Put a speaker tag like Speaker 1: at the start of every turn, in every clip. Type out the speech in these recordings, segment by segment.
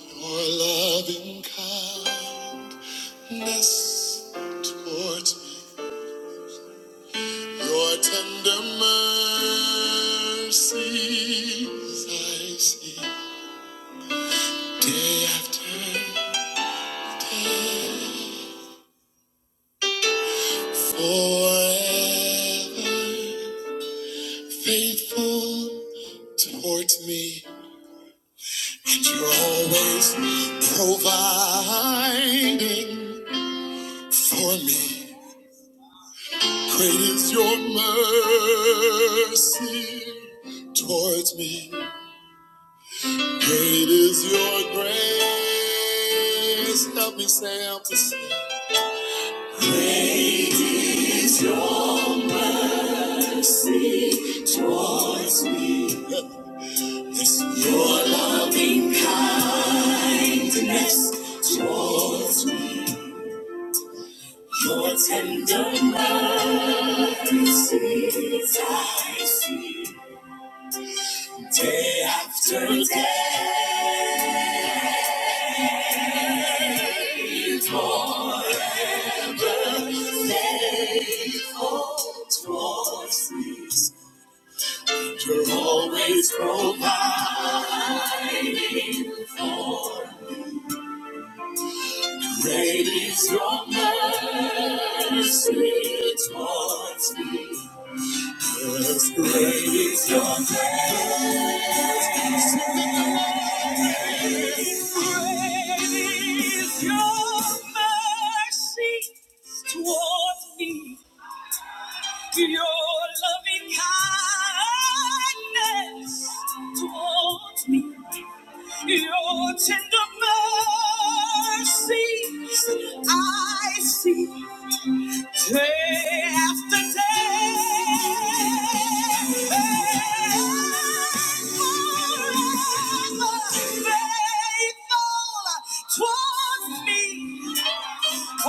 Speaker 1: Your loving kindness towards me, your tender mercies I see day after day. Forever faithful towards me, and you're always providing for me. Great is your mercy towards me. Great is your grace. Help me say I'm to see. Your tender mercies I see day after day towards me. You're always providing. Great is your mercy towards me. Yes, great is your grace. Great is your mercy towards me, your loving kindness towards me, your tender mercies I see. Day after day, forever faithful towards me,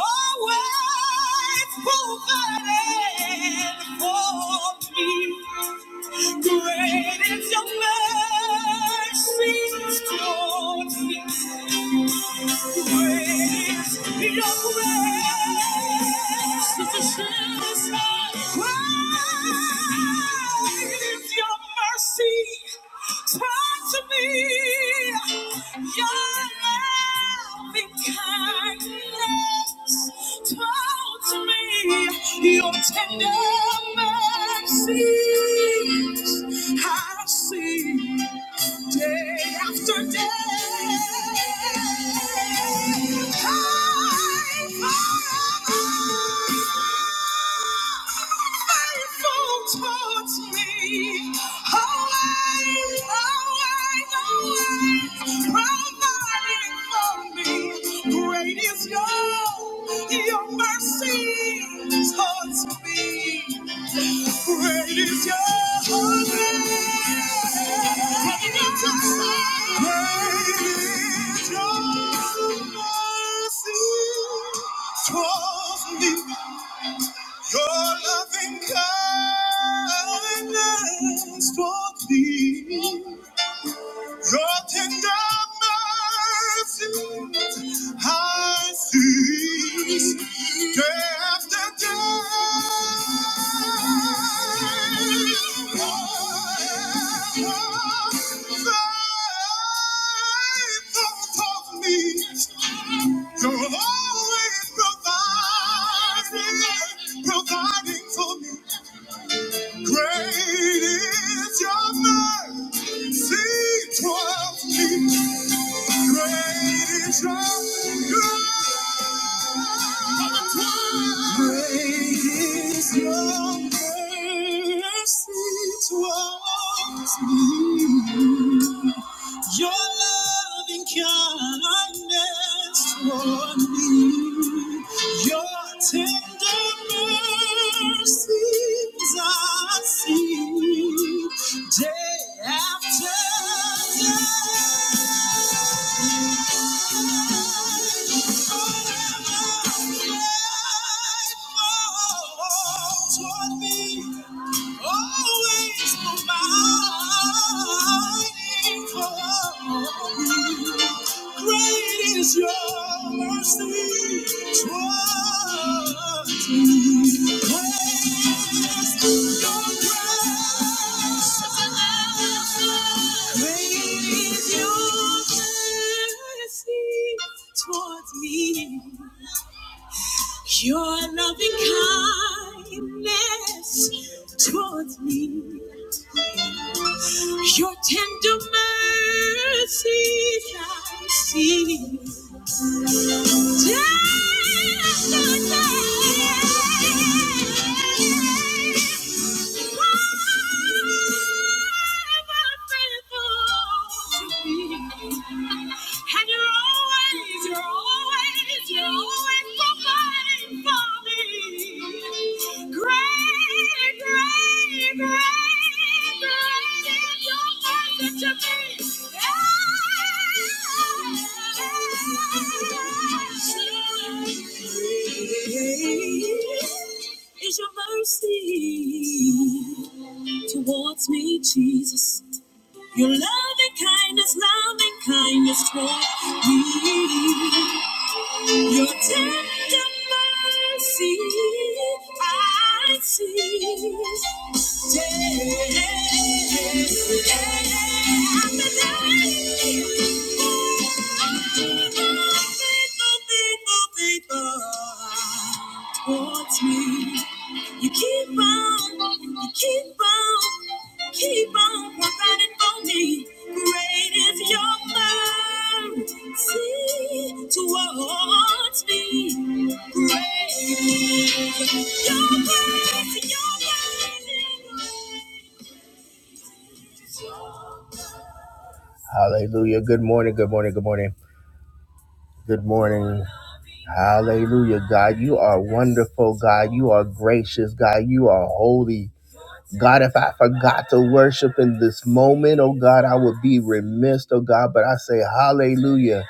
Speaker 1: always provided for me. Great is your mercy towards me. Your tender mercies I see day after day. I Time faithful towards me. Always, always, always providing for me. Great is your, your mercy towards me. Great is your mercy towards me. Your loving kindness towards me. Your tender mercies I see day after day. You're always providing, providing for me. Great is your mercy towards me. Great is your grace. Great is your mercy towards me. Your loving kindness toward me. Your tender mercies I see day after day. Great is your mercy toward me. Towards me, your loving kindness towards me, your tender mercies I see. Day after day. Is your mercy towards me, Jesus? Your loving kindness, loving kindness toward me. Your tender mercy I see. Day after day, faithful, faithful, faithful towards me. You keep on, you keep on, keep on providing for me. Great is your mercy towards me. Great is your mercy, your mercy. Hallelujah. Good morning, good morning, good morning, good morning. Hallelujah, God. You are wonderful, God. You are gracious, God. You are holy. God, if I forgot to worship in this moment, oh God, I would be remiss, oh God. But I say, Hallelujah.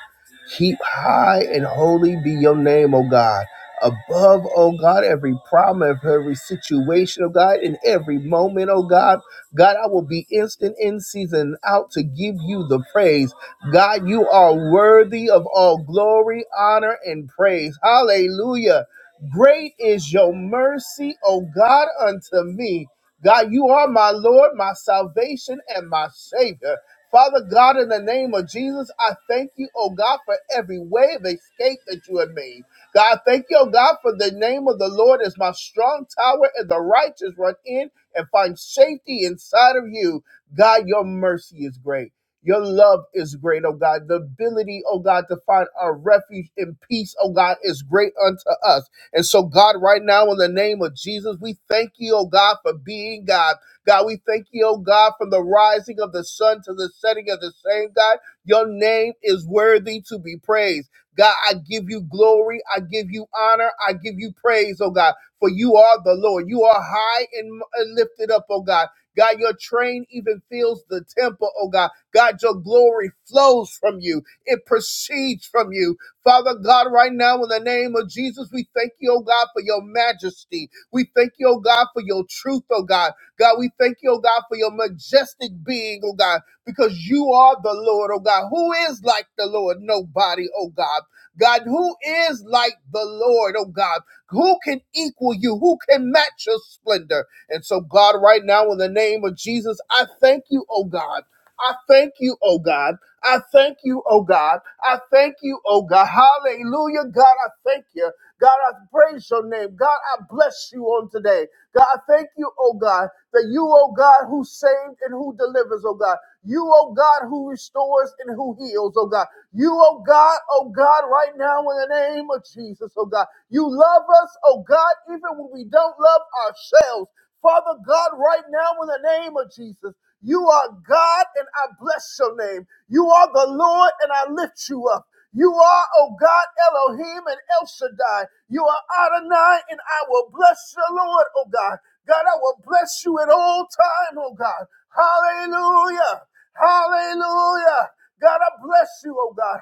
Speaker 1: Keep high and holy be your name, oh God. Above, oh God, every problem, every situation, oh God, in every moment, oh God. God, I will be instant in season out to give you the praise. God, you are worthy of all glory, honor, and praise. Hallelujah. Great is your mercy, O God, unto me. God, you are my Lord, my salvation, and my Savior. Father God, in the name of Jesus, I thank you, oh God, for every way of escape that you have made. God, thank you, oh God, for the name of the Lord is my strong tower, and the righteous run in and find safety inside of you. God, your mercy is great. Your love is great, oh God. The ability, oh God, to find our refuge in peace, oh God, is great unto us. And so, God, right now, in the name of Jesus, we thank you, oh God, for being God. God, we thank you, oh God, from the rising of the sun to the setting of the same God. Your name is worthy to be praised. God, I give you glory. I give you honor. I give you praise, oh God, for you are the Lord. You are high and and lifted up, oh God. God, your train even fills the temple, oh God. God, your glory flows from you. It proceeds from you. Father God, right now, in the name of Jesus, we thank you, oh God, for your majesty. We thank you, oh God, for your truth, oh God. God, we thank you, oh God, for your majestic being, oh God, because you are the Lord, oh God. Who is like the Lord? Nobody, oh God. God, who is like the Lord, oh God? Who can equal you? Who can match your splendor? And so, God, right now, in the name of Jesus, I thank you, oh God. I thank you, oh God. I thank you, oh God. I thank you, oh God. Hallelujah. God, I thank you. God, I praise your name. God, I bless you on today. God, I thank you, oh God, that you, oh God, who saved and who delivers, oh God. You, oh God, who restores and who heals, oh God. You, oh God, oh God, right now in the name of Jesus, oh God. You love us, oh God, even when we don't love ourselves. Father God, right now in the name of Jesus, you are God, and I bless your name. You are the Lord, and I lift you up. You are, oh God, Elohim and El Shaddai. You are Adonai, and I will bless the Lord, oh God. God, I will bless you at all time, oh God. Hallelujah. Hallelujah. God, I bless you, oh God.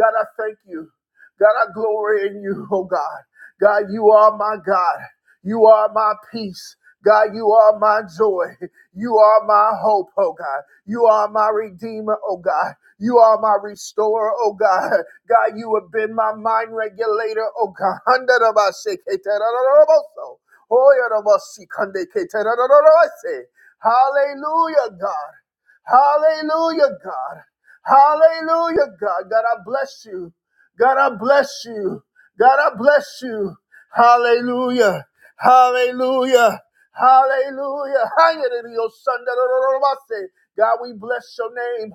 Speaker 1: God, I thank you. God, I glory in you, oh God. God, you are my God. You are my peace. God, you are my joy. You are my hope, oh God. You are my redeemer, oh God. You are my restorer, oh God. God, you have been my mind regulator, oh God. Hallelujah, God. Hallelujah, God. Hallelujah, God. God, I bless you. God, I bless you. God, I bless you. Hallelujah. Hallelujah. Hallelujah. Hallelujah. God, we bless your name.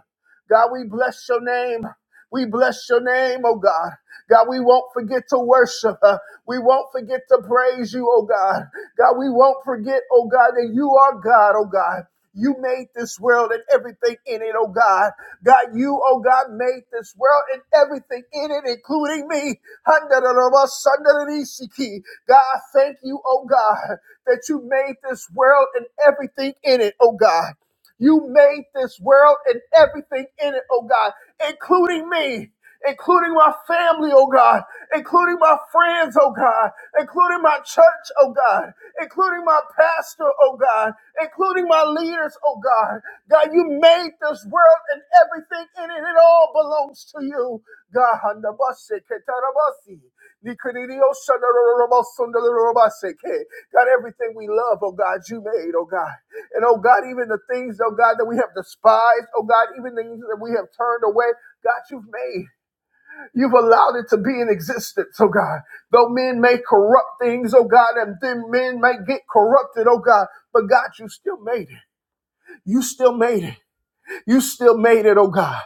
Speaker 1: God, we bless your name. We bless your name, oh God. God, we won't forget to worship. uh, We won't forget to praise you, oh God. God, we won't forget, oh God, that you are God, oh God. You made this world and everything in it, oh God. God, you, oh God, made this world and everything in it, including me. Handarabashandarisiki. God, I thank you, oh God, that you made this world and everything in it, oh God. You made this world and everything in it, oh God, including me, including my family, oh God, including my friends, oh God, including my church, oh God, including my pastor, oh God, including my leaders, oh God. God, you made this world and everything in it. It all belongs to you. Gahanda bashe ketarabasi. Nikadidio shandarorobosondarorobase ke. God, everything we love, oh God, you made, oh God. And oh God, even the things, oh God, that we have despised, oh God, even things that we have turned away, God, you've made. You've allowed it to be in existence, oh God. Though men may corrupt things, oh God, and then men may get corrupted, oh God, but God, you still made it. You still made it. You still made it, oh God.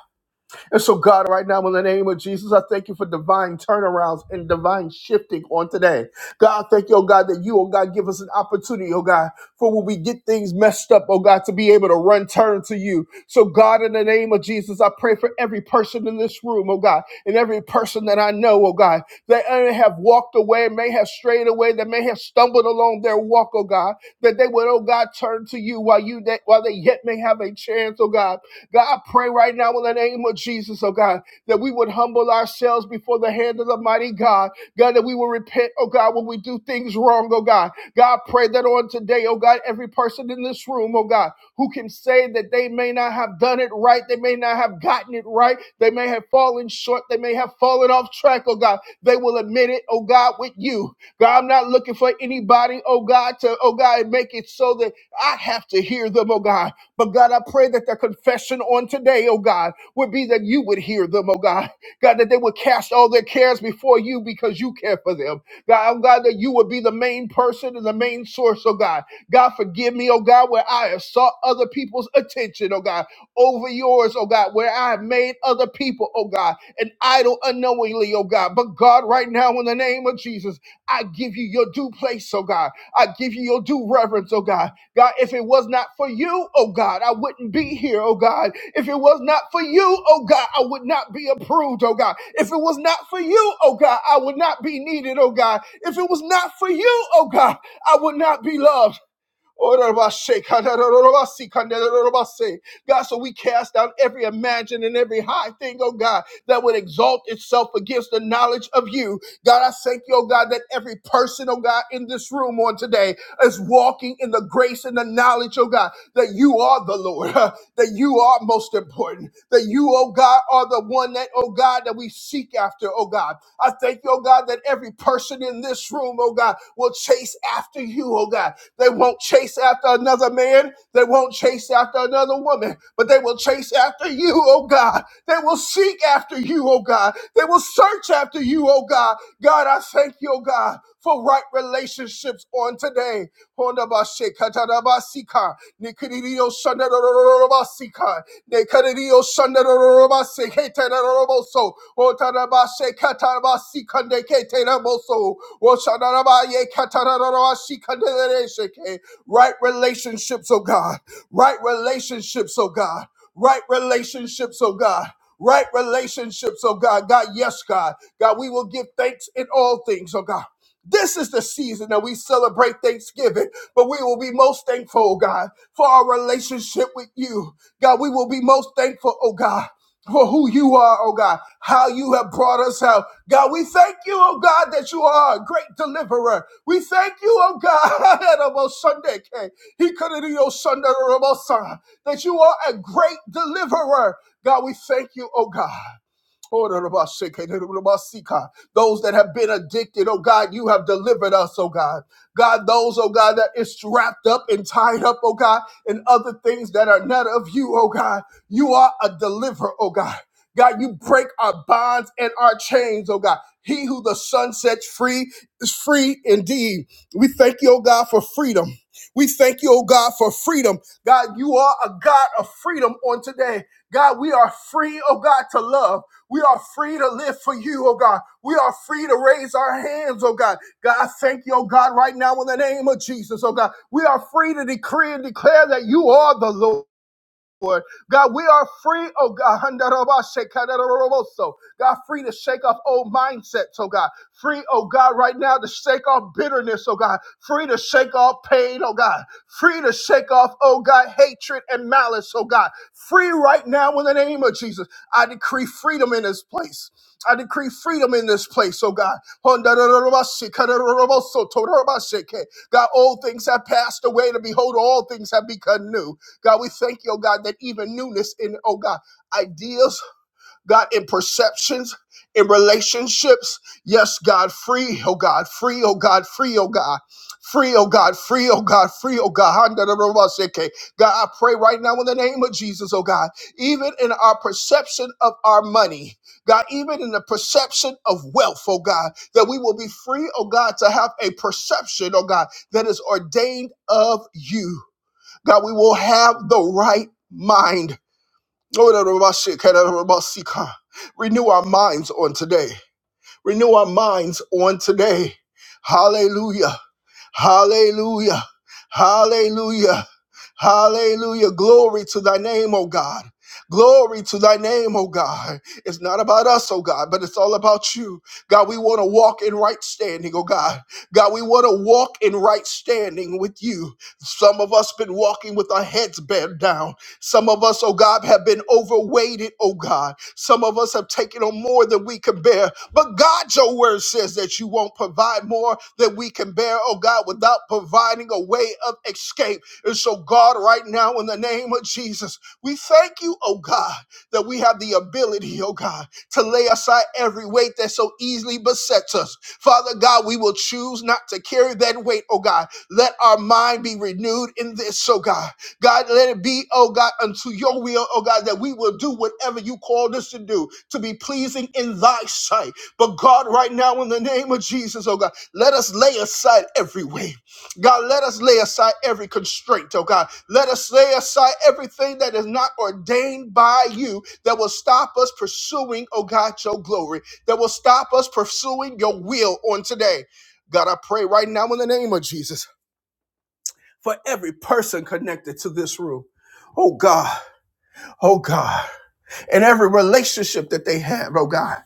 Speaker 1: And so, God, right now, in the name of Jesus, I thank you for divine turnarounds and divine shifting on today. God, thank you, oh God, that you, oh God, give us an opportunity, oh God, for when we get things messed up, oh God, to be able to run turn to you. So, God, in the name of Jesus, I pray for every person in this room, oh God, and every person that I know, oh God, that may have walked away, may have strayed away, that may have stumbled along their walk, oh God, that they would, oh God, turn to you while you, that while they yet may have a chance, oh God. God, I pray right now in the name of Jesus, oh God, that we would humble ourselves before the hand of the mighty God. God, that we will repent, oh God, when we do things wrong, oh God. God, I pray that on today, oh God, every person in this room, oh God, who can say that they may not have done it right, they may not have gotten it right, they may have fallen short, they may have fallen off track, oh God, they will admit it, oh God, with you. God, I'm not looking for anybody, oh God, to, oh God, make it so that I have to hear them, oh God. But God, I pray that their confession on today, oh God, would be that you would hear them, oh God. God, that they would cast all their cares before you because you care for them. God, oh God, that you would be the main person and the main source, oh God. God, forgive me, oh God, where I have sought other people's attention, oh God, over yours, oh God, where I have made other people, oh God, an idol unknowingly, oh God. But God, right now, in the name of Jesus, I give you your due place, oh God. I give you your due reverence, oh God. God, if it was not for you, oh God, I wouldn't be here, oh God. If it was not for you, oh God, I would not be approved, oh God. If it was not for you, oh God, I would not be needed, oh God. If it was not for you, oh God, I would not be loved. Orabashe, kadarorobasi, kandarorobase. God, so we cast down every imagination and every high thing, oh God, that would exalt itself against the knowledge of you. God, I thank you, oh God, that every person, oh God, in this room on today is walking in the grace and the knowledge, oh God, that you are the Lord, that you are most important, that you, oh God, are the one that, oh God, that we seek after, oh God. I thank you, oh God, that every person in this room, oh God, will chase after you, oh God they won't chase after another man. They won't chase after another woman, but they will chase after you, oh God. They will seek after you, oh God. They will search after you, oh God. God, I thank you, oh God, for right relationships on today. Honda bashe katada basika, nikiriyo shanda rororo basika, nekariyo shanda rororo basi, kete rororo boso, otada bashe katada basika, nekete rororo boso. Right relationships, oh God. Right relationships, oh God. Right relationships, oh God. Right relationships, oh God. God, yes, God. God, we will give thanks in all things, oh God. This is the season that we celebrate Thanksgiving, but we will be most thankful, oh God, for our relationship with you. God, we will be most thankful, oh God, for who you are, oh God, how you have brought us out, God, we thank you, oh God, that you are a great deliverer. We thank you, oh God, that about Sunday, okay? He could not do your Sunday, or about Sunday, that you are a great deliverer. God, we thank you, oh God. Oh, da- da- ba- shake, da- da- da- ba- see, God. Those that have been addicted, oh God, you have delivered us, oh God. God, those, oh God, that is wrapped up and tied up, oh God, and other things that are not of you, oh God. You are a deliverer, oh God. God, you break our bonds and our chains, oh God. He who the sun sets free is free indeed. We thank you, oh God, for freedom. We thank you, oh God, for freedom. God, you are a God of freedom on today. God, we are free, oh God, to love. We are free to live for you, oh God. We are free to raise our hands, oh God. God, I thank you, oh God, right now in the name of Jesus, oh God. We are free to decree and declare that you are the Lord. Lord. God, we are free, oh God, God, free to shake off old mindsets, oh God. Free, oh God, right now to shake off bitterness, oh God. Free to shake off pain, oh God. Free to shake off, oh God, hatred and malice, oh God. Free right now in the name of Jesus. I decree freedom in this place. I decree freedom in this place, oh God. God, old things have passed away, To behold, all things have become new. God, we thank you, oh God, that even newness in, oh God, ideas, God, in perceptions, in relationships. Yes, God, free, oh God, free, oh God, free, oh God. Free, oh God, free, oh God, free, oh God. Handa God, I pray right now in the name of Jesus, oh God, even in our perception of our money, God, even in the perception of wealth, oh God, that we will be free, oh God, to have a perception, oh God, that is ordained of you. God, we will have the right mind. Renew our minds on today. Renew our minds on today. Hallelujah. Hallelujah. Hallelujah. Hallelujah. Glory to thy name, O God. Glory to thy name, O God. It's not about us, O God, but it's all about you. God, we want to walk in right standing, O God. God, we want to walk in right standing with you. Some of us been walking with our heads bent down. Some of us, oh God, have been overweighted, oh God. Some of us have taken on more than we can bear. But God, your word says that you won't provide more than we can bear, oh God, without providing a way of escape. And so, God, right now, in the name of Jesus, we thank you, oh God, that we have the ability, oh God, to lay aside every weight that so easily besets us. Father God, we will choose not to carry that weight, oh God. Let our mind be renewed in this, oh God. God, let it be, oh God, unto your will, oh God, that we will do whatever you called us to do to be pleasing in thy sight. But God, right now, in the name of Jesus, oh God, let us lay aside every weight. God, let us lay aside every constraint, oh God. Let us lay aside everything that is not ordained by you that will stop us pursuing, oh God, your glory, that will stop us pursuing your will on today. God, I pray right now in the name of Jesus for every person connected to this room. Oh God, oh God in every relationship that they have, oh God.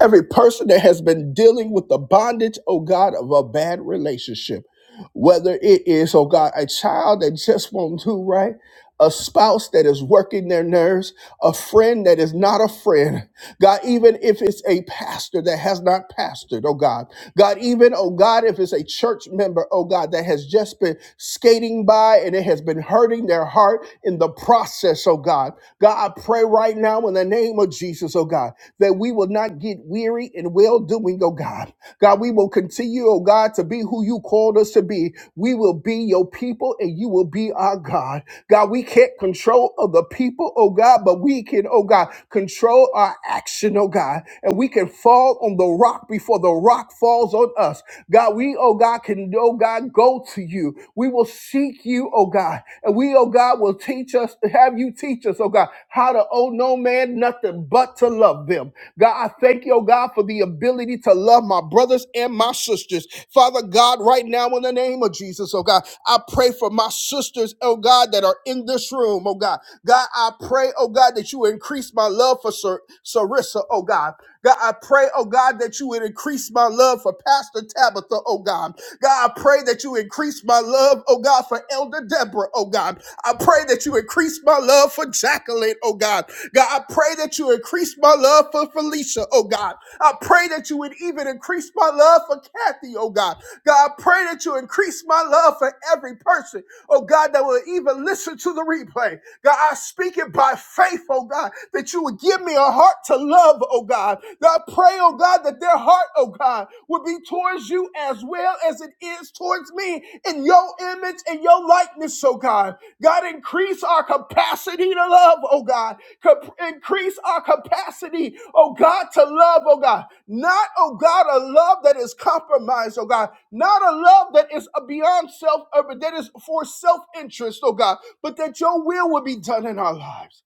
Speaker 1: Every person that has been dealing with the bondage, oh God, of a bad relationship, whether it is, oh God, a child that just won't do right, a spouse that is working their nerves, a friend that is not a friend, God, even if it's a pastor that has not pastored, oh God, God, even, oh God, if it's a church member, oh God, that has just been skating by and it has been hurting their heart in the process, oh God. God, I pray right now in the name of Jesus, oh God, that we will not get weary in well doing, oh God. God, we will continue, oh God, to be who you called us to be. We will be your people and you will be our God. God, we can't control other people, oh God, but we can, oh God, control our action, oh God, and we can fall on the rock before the rock falls on us. God, we, oh God, can, oh God, go to you. We will seek you, oh God. And we, oh God, will teach us, have you teach us, oh God, how to owe no man nothing but to love them. God, I thank you, oh God, for the ability to love my brothers and my sisters. Father God, right now in the name of Jesus, oh God, I pray for my sisters, oh God, that are in this room, oh God. God, I pray, oh God, that you increase my love for Sar- Sarissa, oh God. God, I pray, oh God, that you would increase my love for Pastor Tabitha, oh God. God, I pray that you increase my love, oh God, for Elder Deborah, oh God. I pray that you increase my love for Jacqueline, oh God. God, I pray that you increase my love for Felicia, oh God. I pray that you would even increase my love for Kathy, oh God. God, I pray that you increase my love for every person, oh God, that will even listen to the replay. God, I speak it by faith, oh God, that you would give me a heart to love, oh God. God, I pray, oh God, that their heart, oh God, would be towards you as well as it is towards me in your image and your likeness, oh God. God, increase our capacity to love, oh God. Cap- increase our capacity, oh God, to love, oh God. Not, oh God, a love that is compromised, oh God. Not a love that is beyond self, uh, that is for self interest, oh God but that your will will be done in our lives.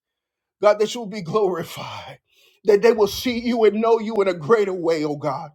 Speaker 1: God, that you will be glorified, that they will see you and know you in a greater way, oh God.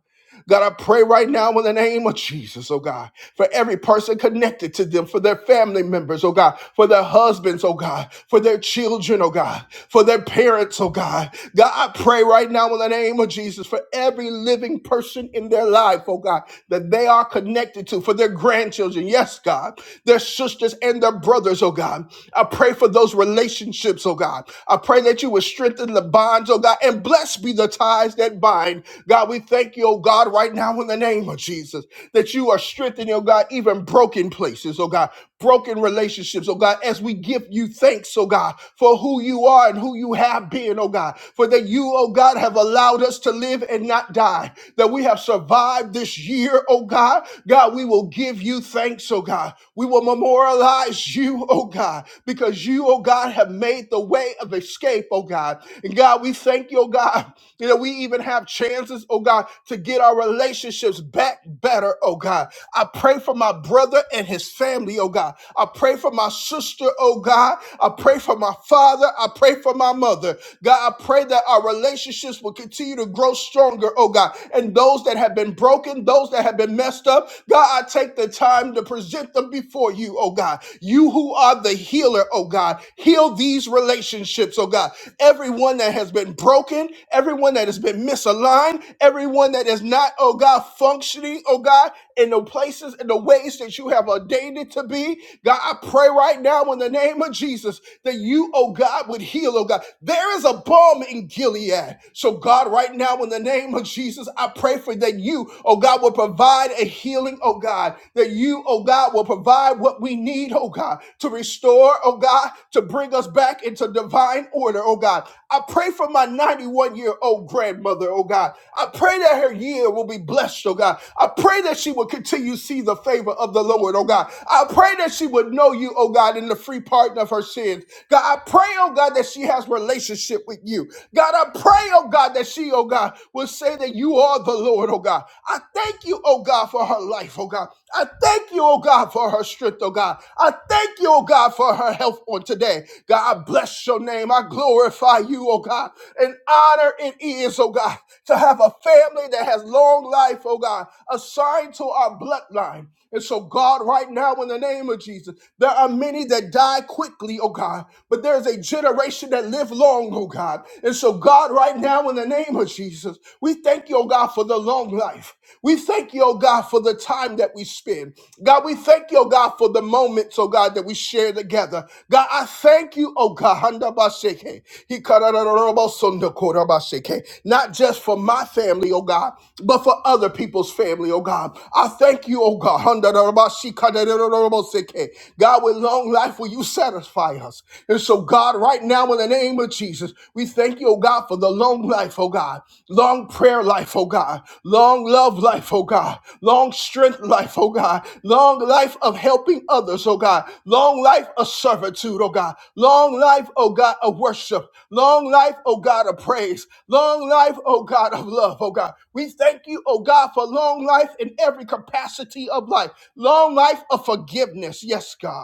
Speaker 1: God, I pray right now in the name of Jesus, oh God for every person connected to them, for their family members, oh God, for their husbands, oh God, for their children, oh God, for their parents, oh God. God, I pray right now in the name of Jesus for every living person in their life, oh God, that they are connected to, for their grandchildren, yes, God, their sisters and their brothers, oh God. I pray for those relationships, oh God. I pray that you would strengthen the bonds, oh God, and blessed be the ties that bind mind. God, we thank you, oh God, right now in the name of Jesus, that you are strengthening, oh God, even broken places, oh God, broken relationships, oh God, as we give you thanks, oh God, for who you are and who you have been, oh God, for that you, oh God, have allowed us to live and not die, that we have survived this year, oh God. God, we will give you thanks, oh God. We will memorialize you, oh God, because you, oh God, have made the way way of escape, oh God. And God, we thank you, oh God, that we even have chances, oh God, to get our relationships back better, oh God. I pray for my brother and his family, oh God. I pray for my sister, oh God. I pray for my father. I pray for my mother. God, I pray that our relationships will continue to grow stronger, oh God. And those that have been broken, those that have been messed up, God, I take the time to present them before before you, oh God. You who are the healer, oh God, heal these relationships, oh God. Everyone that has been broken, everyone that has been misaligned, everyone that is not, oh God, functioning, oh God, in the places and the ways that you have ordained it to be. God, I pray right now in the name of Jesus that you, oh God, would heal, oh God. There is a balm in Gilead. So, God, right now in the name of Jesus, I pray for that you you, oh God, will provide a healing, oh God, that you, oh God, will provide what we need, oh God, to restore, oh God, to bring us back into divine order, oh God. I pray for my 91 year old grandmother, oh God. I pray that her year will be blessed, oh God. I pray that she will continue to see the favor of the Lord, oh God. I pray that she would know you, oh God, in the free pardon of her sins. God, I pray, oh God, that she has relationship with you. God, I pray, oh God, that she, oh God, will say that you are the Lord, oh God. I thank you, oh God, for her life, oh God. I thank you, oh God, for her strength, oh God. I thank you, oh God, for her health on today. God, I bless your name. I glorify you, oh God. And honor it is, oh God, to have a family that has long life, oh God, assigned to our bloodline. And so, God, right now, in the name of Jesus, there are many that die quickly, oh God, but there's a generation that live long, oh God. And so, God, right now, in the name of Jesus, we thank you, oh God, for the long life. We thank you, oh God, for the time that we spend. God, we thank you, oh God, for the moments, oh God, that we share together. God, I thank you, oh God, Handa Baseke, Hikarararabo Sondo Korabaseke, not just for my family, oh God, but for other people's family, oh God. I thank you, oh God, Handa Darabashi Kadarararabo Seke. God, with long life, will you satisfy us? And so, God, right now, in the name of Jesus, we. We thank you, oh God, for the long life, oh God, long prayer life, oh God, long love life, oh God, long strength life, oh God, long life of helping others, oh God, long life of servitude, oh God, long life, oh God, of worship, long life, oh God, of praise, long life, oh God, of love, oh God. We thank you, oh God, for long life in every capacity of life, long life of forgiveness, yes, God.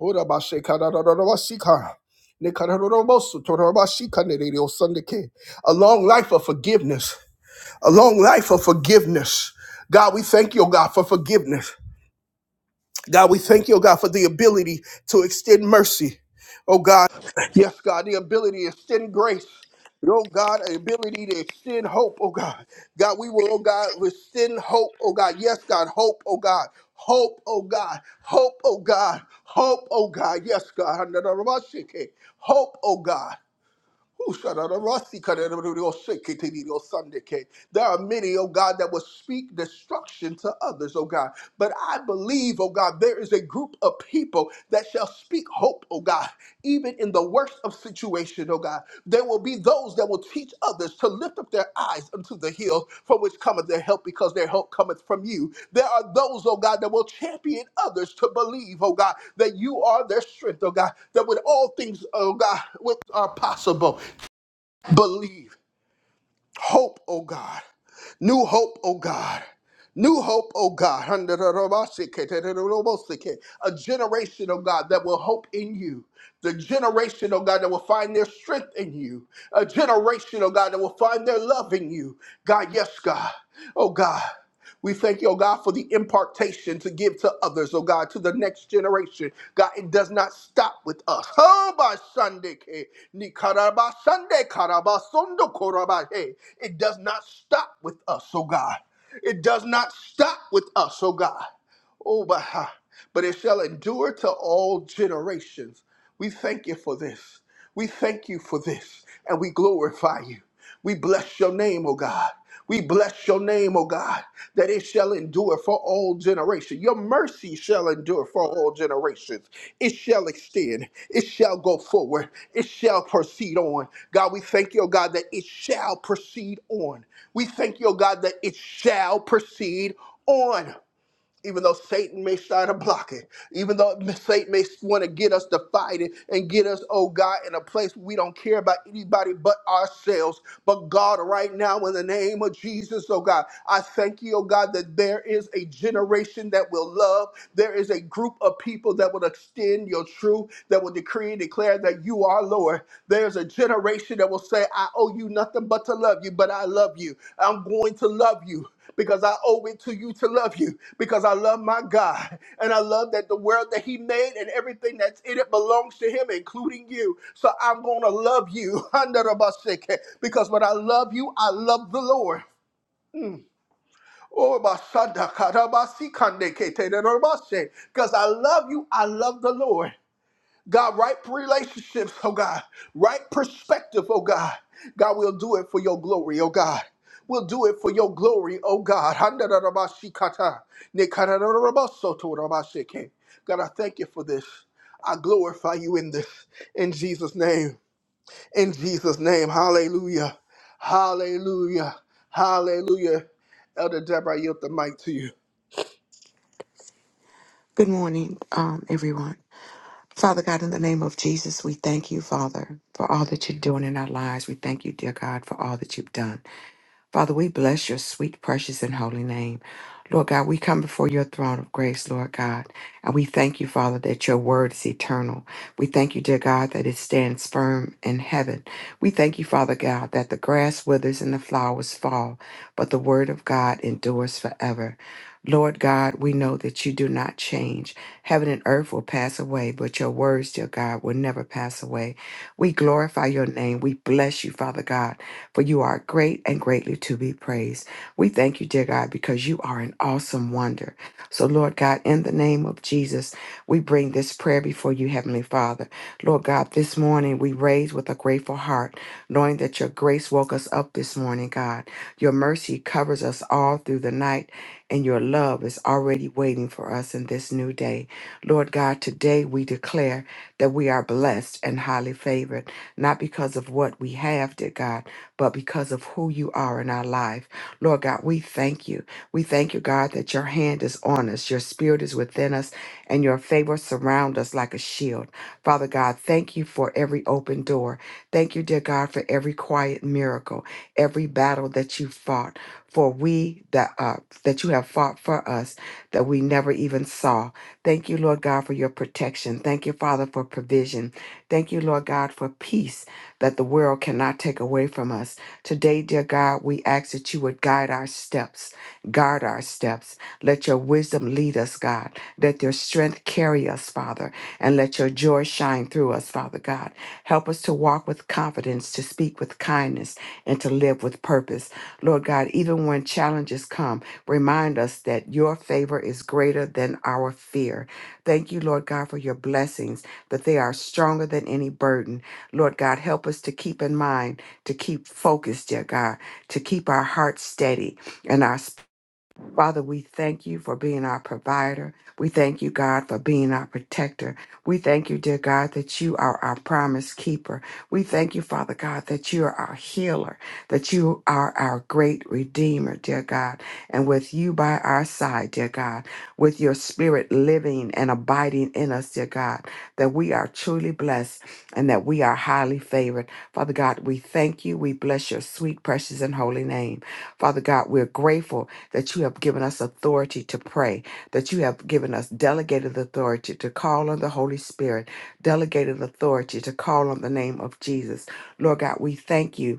Speaker 1: Orabashekadadadadabasika. Nekadadadabasu, torabashikanereosandeke. A long life of forgiveness. A long life of forgiveness. God, we thank you, oh God, for forgiveness. God, we thank you, oh God, for the ability to extend mercy. Oh God, yes, God, the ability to extend grace. And, Oh God, the ability to extend hope, oh God. God, we will, oh God, extend hope, oh God. Yes, God, hope, oh God. Hope, oh God. Hope, oh God. Hope, oh God. Yes, God. Hope, oh God. Who shut out the rusty cut out the real shake, it, it, it, oh, Sunday, okay? There are many, oh God, that will speak destruction to others, oh God. But I believe, oh God, there is a group of people that shall speak hope, oh God, even in the worst of situation, oh God. There will be those that will teach others to lift up their eyes unto the hills from which cometh their help, because their help cometh from you. There are those, oh God, that will champion others to believe, oh God, that you are their strength, oh God, that with all things, oh God, which are possible, believe, hope, oh God, new hope, oh God. New hope, oh God, a generation, oh God, that will hope in you. The generation, oh God, that will find their strength in you. A generation, oh God, that will find their love in you. God, yes, God. Oh God. We thank you, oh God, for the impartation to give to others, oh God, to the next generation. God, it does not stop with us. Oh, by Sunday, K. Nikaraba Sunday, Karaba Sundo Koraba, hey. It does not stop with us, oh God. It does not stop with us, oh God. Oh, but, but it shall endure to all generations. We thank you for this. We thank you for this, and we glorify you. We bless your name, oh God. We bless your name, oh God that it shall endure for all generations. Your mercy shall endure for all generations. It shall extend. It shall go forward. It shall proceed on. God, we thank you, oh God, that it shall proceed on. We thank you, oh God, that it shall proceed on even though Satan may try to block it, even though Satan may want to get us to fight it and get us, oh God, in a place we don't care about anybody but ourselves. But God, right now, in the name of Jesus, oh God, I thank you, oh God, that there is a generation that will love. There is a group of people that will extend your truth, that will decree and declare that you are Lord. There's a generation that will say, I owe you nothing but to love you, but I love you. I'm going to love you because I owe it to you to love you because I love my God and I love that the world that He made and everything that's in it belongs to Him, including you. So I'm going to love you because when I love you, I love the Lord. Oh, because I love you, I love the Lord. God, right relationships, oh God, right perspective, oh God. God, we'll do it for your glory, oh God. We'll do it for your glory, oh God. Handarabashikata, nekarararabasotorabashike. God, I thank you for this. I glorify you in this. In Jesus' name. In Jesus' name. Hallelujah. Hallelujah. Hallelujah. Elder Deborah, I yield the mic to you.
Speaker 2: Good morning, um, everyone. Father God, in the name of Jesus, we thank you, Father, for all that you're doing in our lives. We thank you, dear God, for all that you've done. Father, we bless your sweet, precious, and holy name. Lord God, we come before your throne of grace, Lord God, and we thank you, Father, that your word is eternal. We thank you, dear God, that it stands firm in heaven. We thank you, Father God, that the grass withers and the flowers fall, but the word of God endures forever. Lord God, we know that you do not change. Heaven and earth will pass away, but your words, dear God, will never pass away. We glorify your name. We bless you, Father God for you are great and greatly to be praised. We thank you, dear God, because you are an awesome wonder. So, Lord God, in the name of Jesus, we bring this prayer before you, Heavenly Father. Lord God, this morning we raise with a grateful heart, knowing that your grace woke us up this morning, God. Your mercy covers us all through the night, and your love is already waiting for us in this new day. Lord God, today we declare that we are blessed and highly favored, not because of what we have, dear God but because of who you are in our life. Lord God, we thank you. We thank you, God, that your hand is on us, your spirit is within us, and your favor surround us like a shield. Father God, thank you for every open door. Thank you, dear God, for every quiet miracle, every battle that you fought. For we that uh, that you have fought for us that we never even saw. Thank you, Lord God, for your protection. Thank you, Father, for provision. Thank you, Lord God, for peace that the world cannot take away from us. Today, dear God, we ask that you would guide our steps, guard our steps. Let your wisdom lead us, God. Let your strength carry us, Father, and let your joy shine through us, Father God. Help us to walk with confidence, to speak with kindness, and to live with purpose. Lord God, even when challenges come, remind us that your favor is greater than our fear. Thank you, Lord God, for your blessings, that they are stronger than any burden. Lord God, help us to keep in mind, to keep focused, dear God, to keep our hearts steady and our Father, we thank you for being our provider. We thank you, God, for being our protector. We thank you, dear God, that you are our promise keeper. We thank you, Father God, that you are our healer, that you are our great redeemer, dear God. And with you by our side, dear God, with your spirit living and abiding in us, dear God, that we are truly blessed and that we are highly favored. Father God, we thank you. We bless your sweet, precious, and holy name. Father God, we're grateful that you have given us authority to pray, that you have given us delegated authority to call on the Holy Spirit, delegated authority to call on the name of Jesus. Lord God, we thank you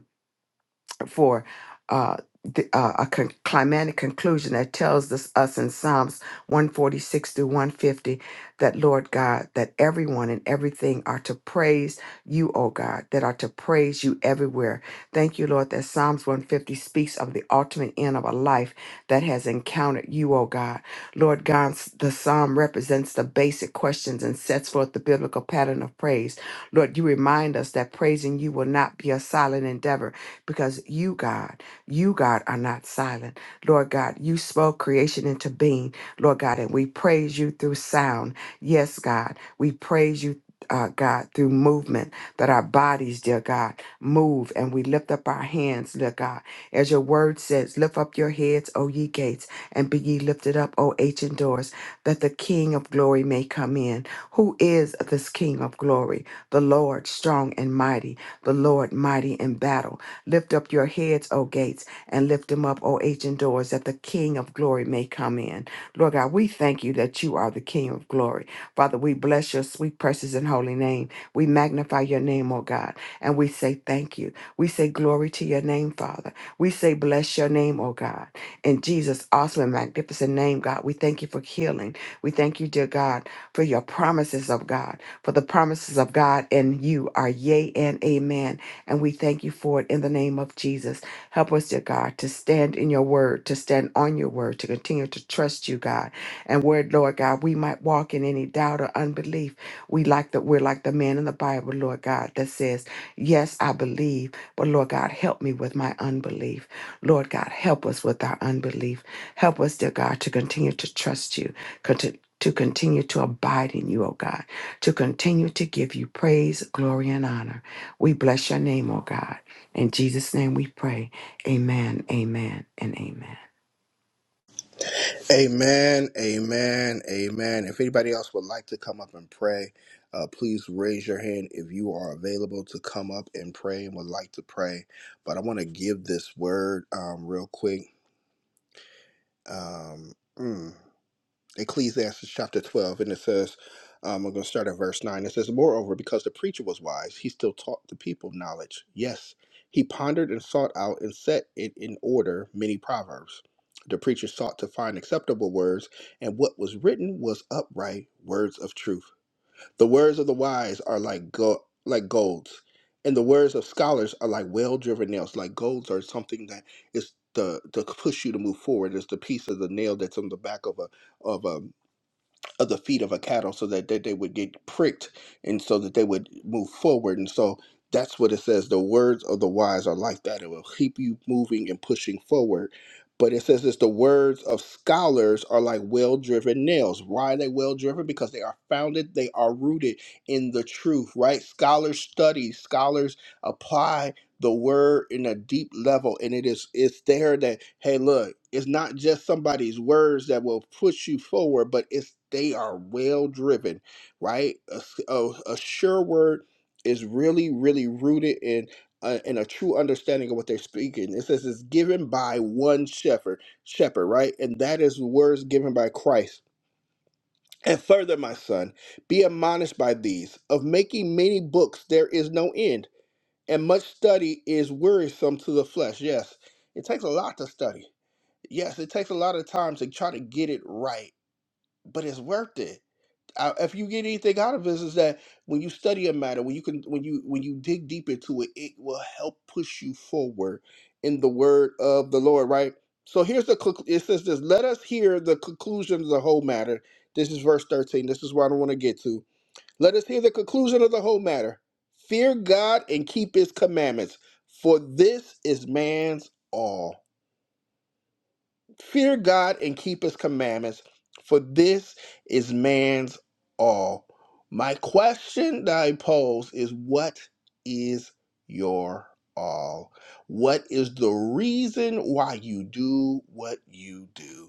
Speaker 2: for uh, the, uh, a con- climatic conclusion that tells us, us in Psalms 146 through 150 that, Lord God, that everyone and everything are to praise you, O God, that are to praise you everywhere. Thank you, Lord, that Psalms 150 speaks of the ultimate end of a life that has encountered you, O God. Lord God, the psalm represents the basic questions and sets forth the biblical pattern of praise. Lord, you remind us that praising you will not be a silent endeavor because you, God, you, God, are not silent. Lord God, you spoke creation into being, Lord God, and we praise you through sound. Yes, God, we praise you. Uh, God, through movement, that our bodies, dear God, move and we lift up our hands, dear God. As your word says, lift up your heads, O ye gates, and be ye lifted up, O ancient doors, that the King of glory may come in. Who is this King of glory? The Lord, strong and mighty, the Lord, mighty in battle. Lift up your heads, O gates, and lift them up, O ancient doors, that the King of glory may come in. Lord God, we thank you that you are the King of glory. Father, we bless your sweet, precious, and holy name. We magnify your name, O God, and we say thank you. We say glory to your name, Father. We say bless your name, O God. In Jesus' awesome and magnificent name, God, we thank you for healing. We thank you, dear God, for your promises of God, for the promises of God in you are yea and amen. And we thank you for it in the name of Jesus. Help us, dear God, to stand in your word, to stand on your word, to continue to trust you, God. And where, Lord God, we might walk in any doubt or unbelief. We like that we're like the man in the Bible, Lord God, that says, Yes, I believe, but Lord God, help me with my unbelief. Lord God, help us with our unbelief. Help us, dear God, to continue to trust you, conti- to continue to abide in you, oh God, to continue to give you praise, glory, and honor. We bless your name, oh God. In Jesus' name we pray. Amen, amen, and amen.
Speaker 1: Amen, amen, amen. If anybody else would like to come up and pray, uh, please raise your hand if you are available to come up and pray and would like to pray. But I want to give this word um, real quick. Um, mm. Ecclesiastes chapter 12, and it says, um, we're going to start at verse 9. It says, Moreover, because the preacher was wise, he still taught the people knowledge. Yes, he pondered and sought out and set it in order many proverbs. The preacher sought to find acceptable words, and what was written was upright words of truth. The words of the wise are like go- like golds, and the words of scholars are like well-driven nails. Like golds are something that is the to push you to move forward. It's the piece of the nail that's on the back of a of a of the feet of a cattle so that, that they would get pricked and so that they would move forward. And so that's what it says. The words of the wise are like that. It will keep you moving and pushing forward. But it says this the words of scholars are like well driven nails. Why are they well driven? Because they are founded, they are rooted in the truth, right? Scholars study, scholars apply the word in a deep level and it is it's there that hey look it's not just somebody's words that will push you forward but it's they are well driven right a, s- a- a sure word is really really rooted in uh, in a true understanding of what they're speaking it says it's given by one shepherd shepherd right and that is words given by christ and further my son be admonished by these of making many books there is no end and much study is wearisome to the flesh. Yes, it takes a lot to study. Yes, it takes a lot of time to try to get it right, but it's worth it. Uh, if you get anything out of this, is that when you study a matter, when you can, when you when you dig deep into it, it will help push you forward in the word of the Lord. Right. So here's the conclu- it says this. Let us hear the conclusion of the whole matter. This is verse thirteen. This is what I want to get to. Let us hear the conclusion of the whole matter. Fear God and keep his commandments, for this is man's all. Fear God and keep his commandments, for this is man's all. My question that I pose is what is your all? What is the reason why you do what you do?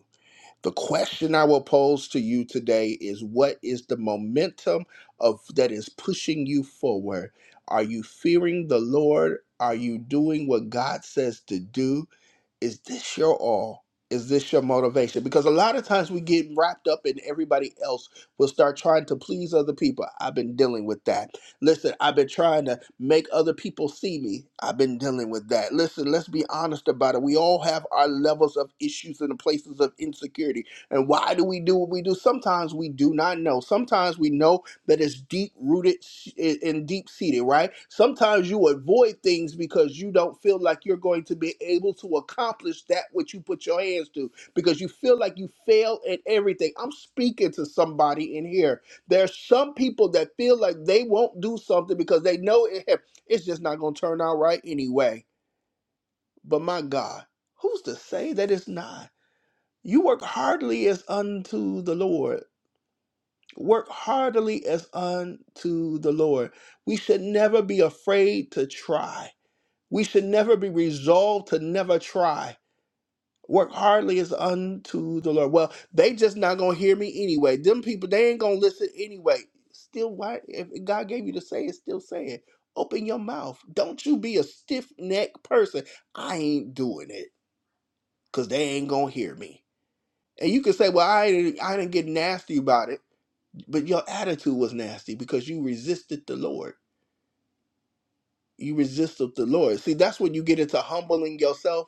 Speaker 1: The question I will pose to you today is what is the momentum of that is pushing you forward? Are you fearing the Lord? Are you doing what God says to do? is this your all? Is this your motivation? Because a lot of times we get wrapped up in everybody else. We'll start trying to please other people. I've been dealing with that. Listen, I've been trying to make other people see me. I've been dealing with that. Listen, let's be honest about it. We all have our levels of issues and places of insecurity. And why do we do what we do? Sometimes we do not know. Sometimes we know that is deep rooted eh, and deep seated, right? Sometimes you avoid things because you don't feel like you're going to be able to accomplish that which you put your hands to because you feel like you fail at everything. I'm speaking to somebody in here. There's some people that feel like they won't do something because they know it, it's just not going to turn out right anyway. But my God, who's to say that it's not? You work hardly as unto the Lord work heartily as unto the Lord. We should never be afraid to try. We should never be resolved to never try. Work hardly as unto the Lord. Well, they just not gonna hear me anyway. Them people, they ain't gonna listen anyway. Still, why? If God gave you to say it, still say it. Open your mouth. Don't you be a stiff necked person. I ain't doing it because they ain't gonna hear me. And you can say, well, I didn't, I didn't get nasty about it but your attitude was nasty because you resisted the Lord. You resisted the Lord. See, that's when you get into humbling yourself.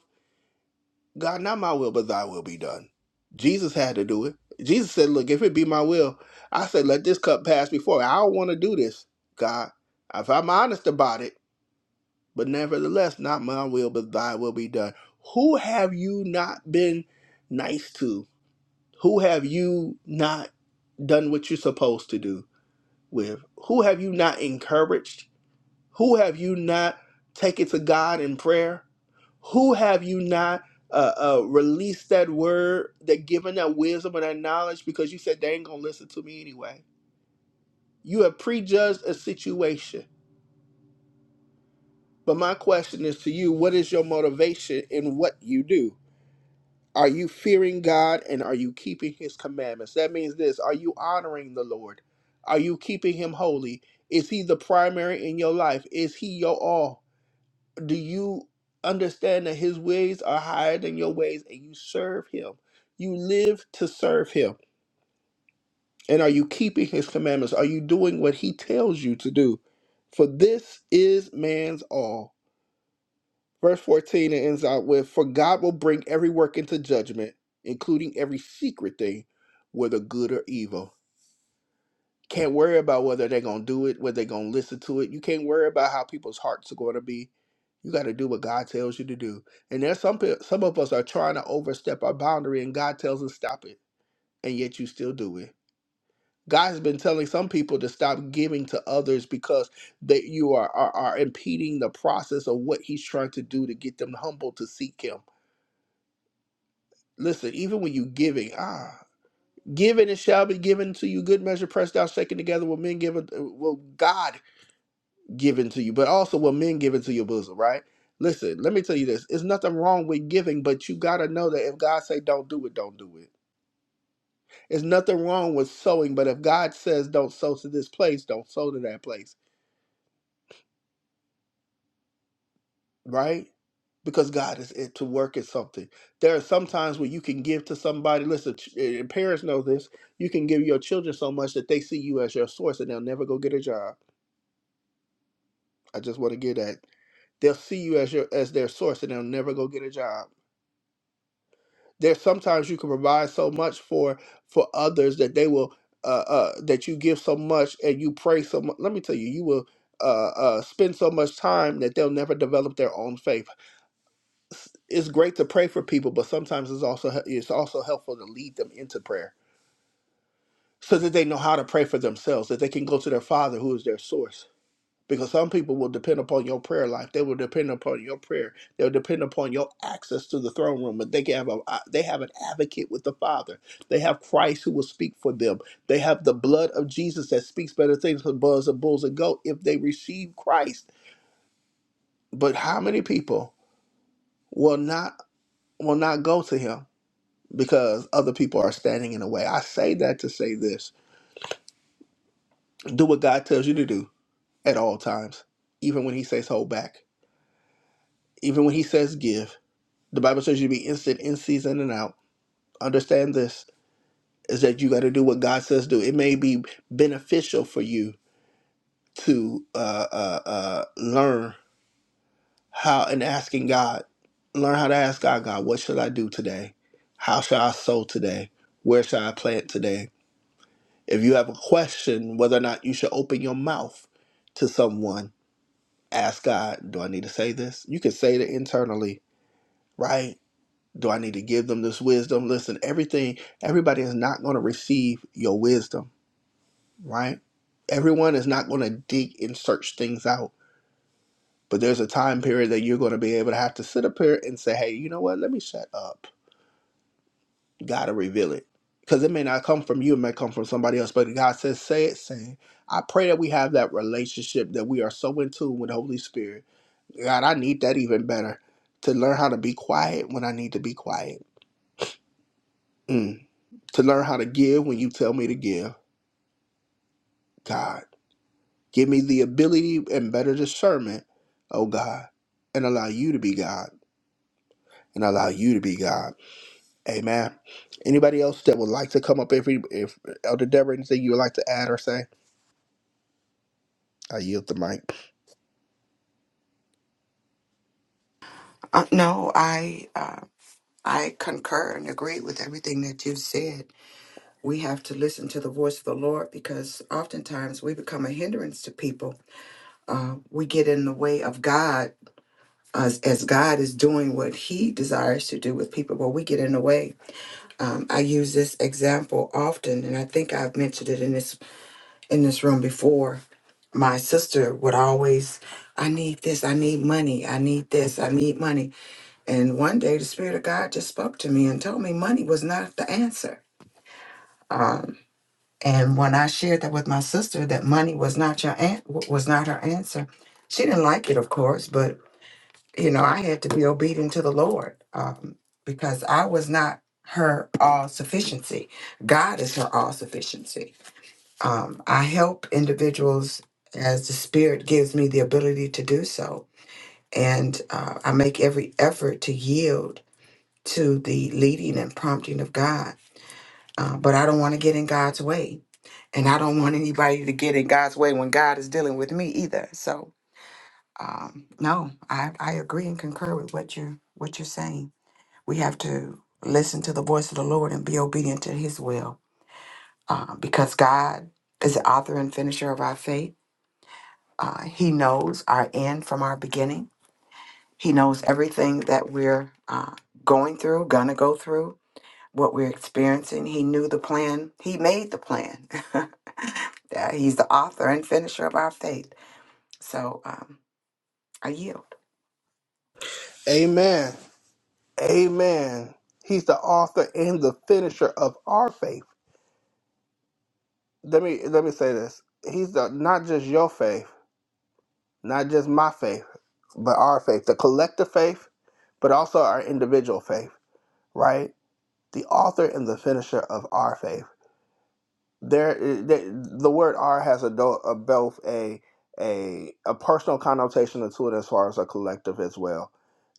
Speaker 1: God, not my will, but thy will be done. Jesus had to do it. Jesus said, Look, if it be my will, I said, Let this cup pass before. me. I don't want to do this, God. If I'm honest about it, but nevertheless, not my will, but thy will be done. Who have you not been nice to? Who have you not done what you're supposed to do with? Who have you not encouraged? Who have you not taken to God in prayer? Who have you not uh, uh, released that word, that given that wisdom and that knowledge because you said they ain't gonna listen to me anyway? You have prejudged a situation. But my question is to you: What is your motivation in what you do? Are you fearing God and are you keeping His commandments? That means this: Are you honoring the Lord? Are you keeping Him holy? Is He the primary in your life? Is He your all? do you understand that his ways are higher than your ways and you serve him you live to serve him and are you keeping his commandments are you doing what he tells you to do for this is man's all verse 14 it ends out with for god will bring every work into judgment including every secret thing whether good or evil Can't worry about whether they're gonna do it, whether they're gonna listen to it. You can't worry about how people's hearts are gonna be. You got to do what God tells you to do. And there's some peo- some of us are trying to overstep our boundary, and God tells us stop it, and yet you still do it. God has been telling some people to stop giving to others because that you are, are are impeding the process of what He's trying to do to get them humble to seek Him. Listen, even when you giving, ah, giving it shall be given to you. Good measure, pressed down, shaken together, will men give it? Will God given to you, but also what men give into your bosom, right? Listen, let me tell you this. It's nothing wrong with giving, but you gotta know that if God say don't do it, don't do it. It's nothing wrong with sowing, but if God says don't sow to this place, don't sow to that place, right? Because God is it to work at something. There are some times where you can give to somebody. Listen, ch- and parents know this. You can give your children so much that they see you as your source, and they'll never go get a job. I just want to get that. They'll see you as your as their source, and they'll never go get a job there's sometimes you can provide so much for for others that they will uh, uh that you give so much and you pray so much let me tell you you will uh, uh, spend so much time that they'll never develop their own faith. S- It's great to pray for people, but sometimes it's also he- it's also helpful to lead them into prayer so that they know how to pray for themselves, that they can go to their Father who is their source because some people will depend upon your prayer life. They will depend upon your prayer. They'll depend upon your access to the throne room. But they can have a they have an advocate with the Father. They have Christ who will speak for them. They have the blood of Jesus that speaks better things than bulls and bulls and goats. if they receive Christ. But how many people will not will not go to him because other people are standing in the way? I say that to say this. Do what God tells you to do at all times. Even when he says hold back. Even when he says give The Bible says you be instant in season and out. Understand this is that you got to do what God says do. It may be beneficial for you to uh, uh, uh, learn how and asking God, learn how to ask God, God, what should I do today? How shall I sow today? Where shall I plant today? If you have a question whether or not you should open your mouth to someone, ask God, do I need to say this? You can say it internally, right? Do I need to give them this wisdom? Listen, everything, everybody is not going to receive your wisdom, right? Everyone is not going to dig and search things out. But there's a time period that you're going to be able to have to sit up here and say, hey, you know what? Let me shut up. God to reveal it. Because it may not come from you, it may come from somebody else. But God says, say it, say it. I pray that we have that relationship that we are so in tune with the Holy Spirit. God, I need that even better to learn how to be quiet when I need to be quiet. Mm. to learn how to give when you tell me to give, God. Give me the ability and better discernment, oh God, and allow you to be God and allow you to be God. Amen. Anybody else that would like to come up, every if Elder Deborah, anything you would like to add or say, I yield the mic.
Speaker 2: Uh, no, I uh, I concur and agree with everything that you've said. We have to listen to the voice of the Lord because oftentimes we become a hindrance to people. Uh, we get in the way of God as, as God is doing what He desires to do with people, but we get in the way. Um, I use this example often, and I think I've mentioned it in this in this room before my sister would always, I need this, I need money, I need this, I need money. And one day the Spirit of God just spoke to me and told me money was not the answer. Um, and when I shared that with my sister, that money was not your an- was not her answer, she didn't like it, of course. But you know, I had to be obedient to the Lord um, because I was not her all sufficiency. God is her all sufficiency um, I help individuals as the Spirit gives me the ability to do so. And uh, I make every effort to yield to the leading and prompting of God. Uh, but I don't want to get in God's way. And I don't want anybody to get in God's way when God is dealing with me either. So, um, no, I, I agree and concur with what you're, what you're saying. We have to listen to the voice of the Lord and be obedient to his will uh, because God is the author and finisher of our faith Uh, he knows our end from our beginning. He knows everything that we're uh, going through, gonna go through, what we're experiencing. He knew the plan. He made the plan. Yeah, He's the author and finisher of our faith. So um, I yield.
Speaker 1: Amen. Amen. He's the author and the finisher of our faith. Let me let me say this. He's the, not just your faith. not just my faith, but our faith, the collective faith, but also our individual faith, right? The author and the finisher of our faith there the, the word r has a, do- a both a a a personal connotation to it as far as a collective as well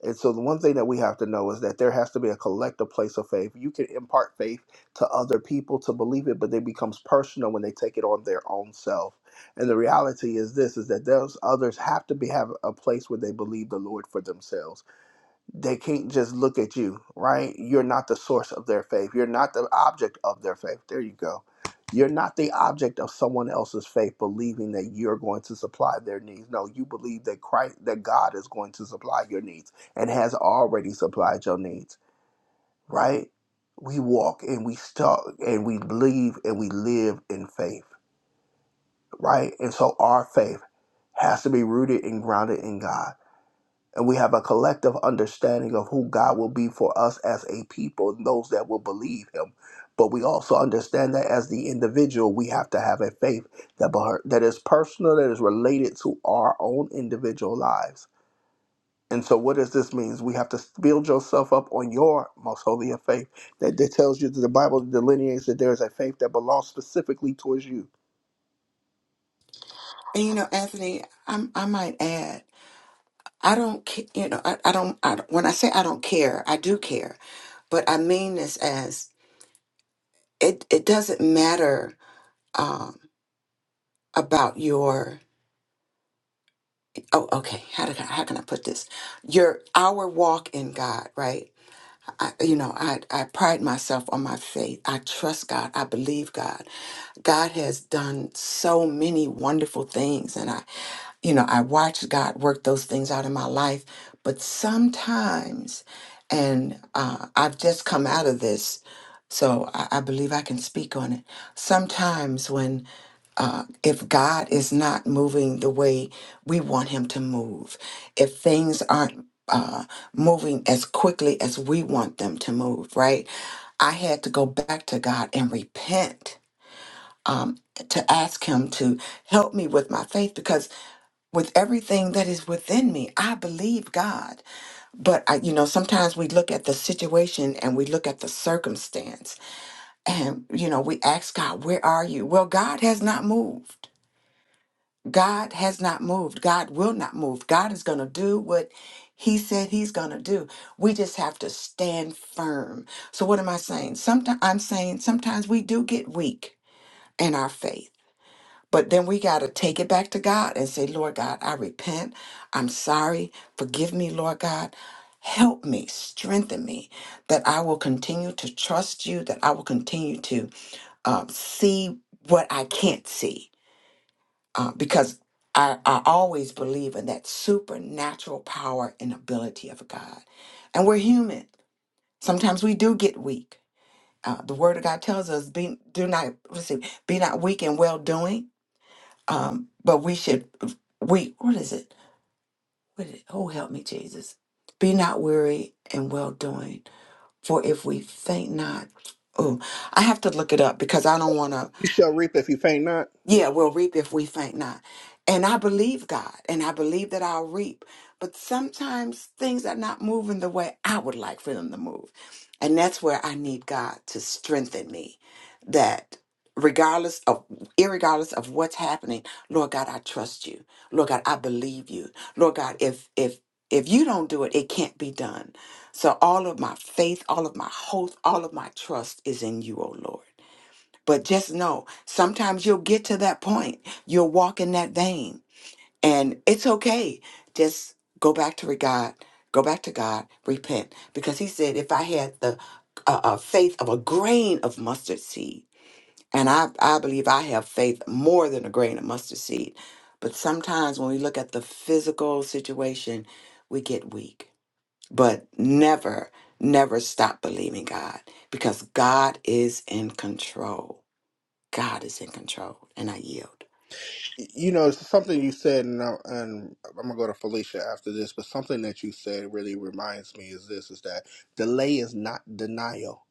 Speaker 1: and so the one thing that we have to know is that there has to be a collective place of faith you can impart faith to other people to believe it but it becomes personal when they take it on their own self and the reality is this is that those others have to be have a place where they believe the lord for themselves they can't just look at you, right? You're not the source of their faith. You're not the object of their faith. There you go. You're not the object of someone else's faith, believing that you're going to supply their needs. No, you believe that Christ, that God is going to supply your needs and has already supplied your needs, right? We walk and we talk and we believe and we live in faith, right? And so our faith has to be rooted and grounded in God and we have a collective understanding of who God will be for us as a people and those that will believe him. But we also understand that as the individual, we have to have a faith that beh- that is personal, that is related to our own individual lives. And so, what does this mean? We have to build yourself up on your most holy of faith. That, that tells you that the Bible delineates that there is a faith that belongs specifically towards you.
Speaker 2: And you know, Anthony, I'm, I might add, I don't, ca- you know, I, I, don't, I don't. When I say I don't care, I do care, but I mean this as it. It doesn't matter um, about your oh okay how did I, how can i put this your our walk in god right I, you know I, I pride myself on my faith i trust god i believe god god has done so many wonderful things and i you know i watched god work those things out in my life but sometimes and uh, i've just come out of this so I, I believe i can speak on it sometimes when uh, if God is not moving the way we want Him to move, if things aren't uh, moving as quickly as we want them to move, right? I had to go back to God and repent um, to ask Him to help me with my faith because with everything that is within me, I believe God. But I, you know, sometimes we look at the situation and we look at the circumstance, and you know, we ask God, "Where are you?" Well, God has not moved. God has not moved. God will not move. God is going to do what he said he's going to do. We just have to stand firm. So what am I saying? Sometimes I'm saying sometimes we do get weak in our faith. But then we got to take it back to God and say, "Lord God, I repent. I'm sorry. Forgive me, Lord God. Help me, strengthen me, that I will continue to trust you, that I will continue to um, see what I can't see uh, because I, I always believe in that supernatural power and ability of God. And we're human. Sometimes we do get weak. Uh, the Word of God tells us, "Be do not let's see, be not weak in well doing." Um, but we should we what is it? What is it? Oh, help me, Jesus! Be not weary in well doing, for if we faint not, oh, I have to look it up because I don't want to
Speaker 1: You shall reap if you faint not.
Speaker 2: Yeah, we'll reap if we faint not. And I believe God, and I believe that I'll reap. But sometimes things are not moving the way I would like for them to move. And that's where I need God to strengthen me. That regardless of irregardless of what's happening, Lord God, I trust you. Lord God, I believe you. Lord God, if if if you don't do it, it can't be done. So all of my faith, all of my hope, all of my trust is in you, O Lord. But just know, sometimes you'll get to that point. You'll walk in that vein, and it's okay. Just go back to God. Go back to God. Repent, because He said, "If I had the uh, uh, faith of a grain of mustard seed," and I, I believe I have faith more than a grain of mustard seed. But sometimes when we look at the physical situation, we get weak. But never, never stop believing God, because God is in control. God is in control, and I yield.
Speaker 1: you know, it's something you said, and, I, and I'm gonna go to Felicia after this. But something that you said really reminds me is this: is that delay is not denial.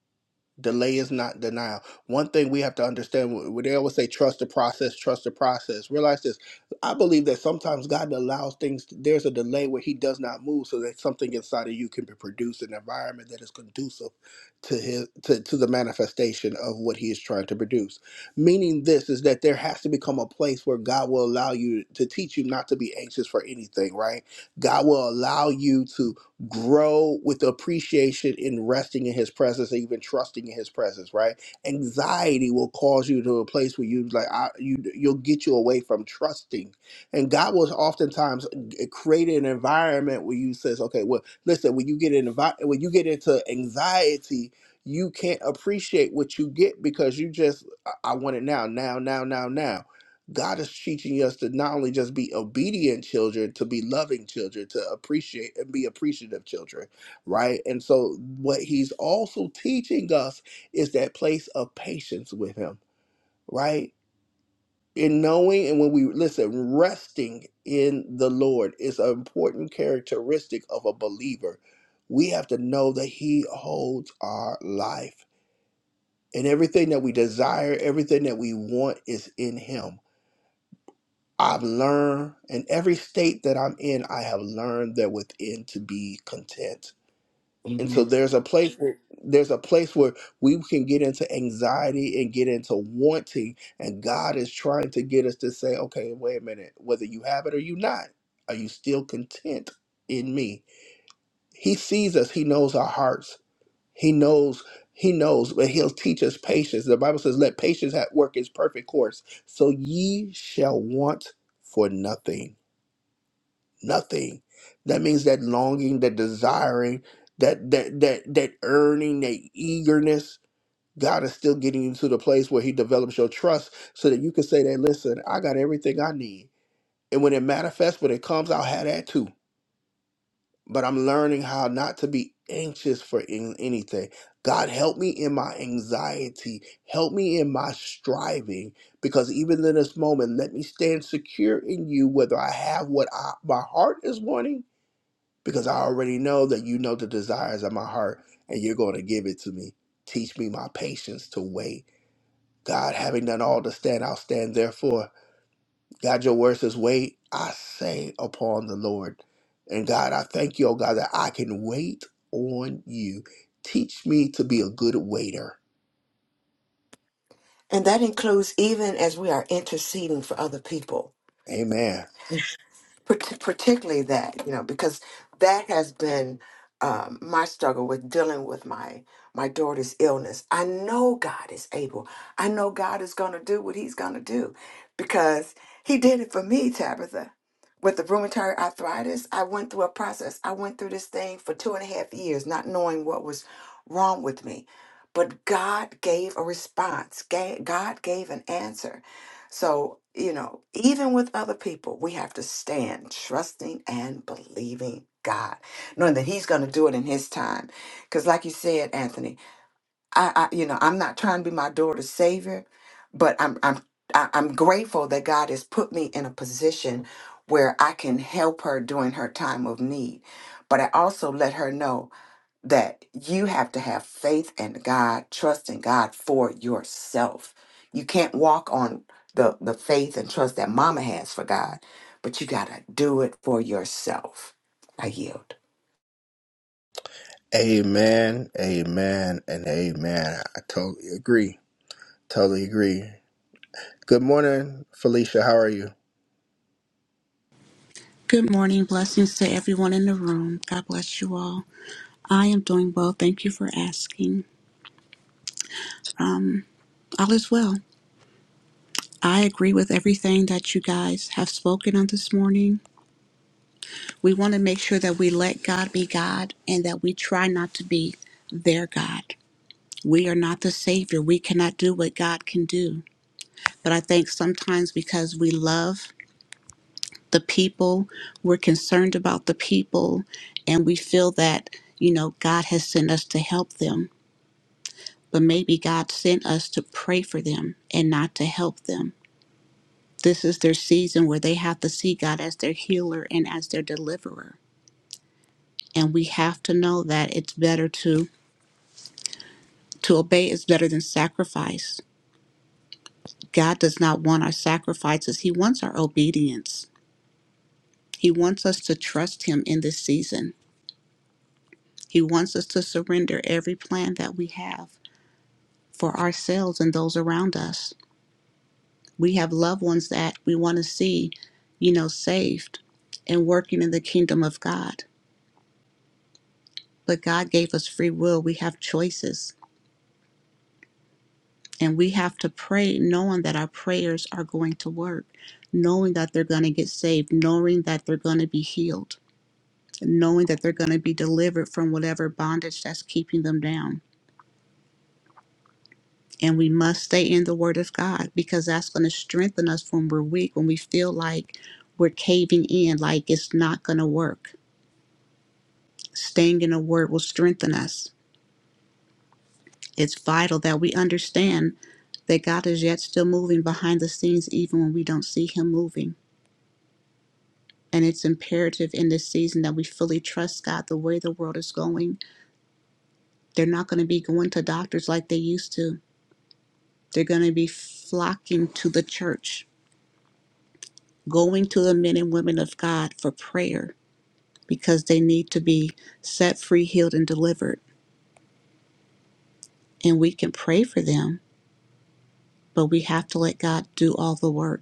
Speaker 1: Delay is not denial. One thing we have to understand, wh- they always say, trust the process, trust the process. Realize this. I believe that sometimes God allows things, there's a delay where He does not move so that something inside of you can be produced, an environment that is conducive to His to, to the manifestation of what He is trying to produce. Meaning this is that there has to become a place where God will allow you to teach you not to be anxious for anything, right? God will allow you to grow with appreciation in resting in his presence and even trusting in his presence right anxiety will cause you to a place where you like I, you you'll get you away from trusting and god will oftentimes g- create an environment where you says okay well listen when you get in envi- when you get into anxiety you can't appreciate what you get because you just i, I want it now now now now now God is teaching us to not only just be obedient children, to be loving children, to appreciate and be appreciative children, right? And so, what He's also teaching us is that place of patience with Him, right? In knowing and when we listen, resting in the Lord is an important characteristic of a believer. We have to know that He holds our life, and everything that we desire, everything that we want is in Him I've learned in every state that I'm in, I have learned that within to be content. And so
Speaker 2: Amen.
Speaker 1: there's a place where there's a place where we can get into anxiety and get into wanting, and God is trying to get us to say, okay, wait a minute, whether you have it or you not, are you still content in me? He sees us, he knows our hearts. He knows, he knows, but he'll teach us patience. The Bible says, let patience have work its perfect course. So ye shall want for nothing nothing. That means that longing, that desiring, that that that that earning, that eagerness. God is still getting you to the place where He develops your trust, so that you can say that, "Listen, I got everything I need." And when it manifests, when it comes, I'll have that too. But I'm learning how not to be anxious for an- anything. God, help me in my anxiety. Help me in my striving, because even in this moment, let me stand secure in You, whether I have what I, my heart is wanting because I already know that you know the desires of my heart and you're going to give it to me. Teach me my patience to wait. God, having done all to stand, I'll stand therefore. God, your word says, wait, I say upon the Lord. And God, I thank you, oh God, that I can wait on you. Teach me to be a good waiter.
Speaker 2: And that includes even as we are interceding for other people.
Speaker 1: Amen.
Speaker 2: Part- particularly that you know because that has been um, my struggle with dealing with my my daughter's illness i know god is able i know god is going to do what he's going to do because he did it for me tabitha with the rheumatoid arthritis i went through a process i went through this thing for two and a half years not knowing what was wrong with me but god gave a response Ga- god gave an answer so, you know, even with other people, we have to stand trusting and believing God, knowing that He's going to do it in His time. Because, like you said, Anthony, I, I, you know, I'm not trying to be my daughter's savior, but I'm, I'm, I- I'm grateful that God has put me in a position where I can help her during her time of need. But I also let her know that you have to have faith in God, trust in God for yourself. You can't walk on the, the faith and trust that mama has for God, but you got to do it for yourself. I yield.
Speaker 1: Amen. Amen. And amen. I totally agree. Totally agree. Good morning, Felicia. How are you?
Speaker 3: Good morning. Blessings to everyone in the room. God bless you all. I am doing well. Thank you for asking. Um, all is well. I agree with everything that you guys have spoken on this morning. We want to make sure that we let God be God and that we try not to be their God. We are not the Savior. We cannot do what God can do. But I think sometimes because we love the people, we're concerned about the people, and we feel that, you know, God has sent us to help them but maybe God sent us to pray for them and not to help them. This is their season where they have to see God as their healer and as their deliverer. And we have to know that it's better to to obey is better than sacrifice. God does not want our sacrifices. He wants our obedience. He wants us to trust him in this season. He wants us to surrender every plan that we have for ourselves and those around us. We have loved ones that we want to see, you know, saved and working in the kingdom of God. But God gave us free will. We have choices. And we have to pray knowing that our prayers are going to work, knowing that they're going to get saved, knowing that they're going to be healed, knowing that they're going to be delivered from whatever bondage that's keeping them down. And we must stay in the Word of God because that's going to strengthen us when we're weak, when we feel like we're caving in, like it's not going to work Staying in the Word will strengthen us. It's vital that we understand that God is yet still moving behind the scenes, even when we don't see Him moving. And it's imperative in this season that we fully trust God the way the world is going. They're not going to be going to doctors like they used to, they're going to be flocking to the church, going to the men and women of God for prayer because they need to be set free, healed, and delivered. And we can pray for them, but we have to let God do all the work.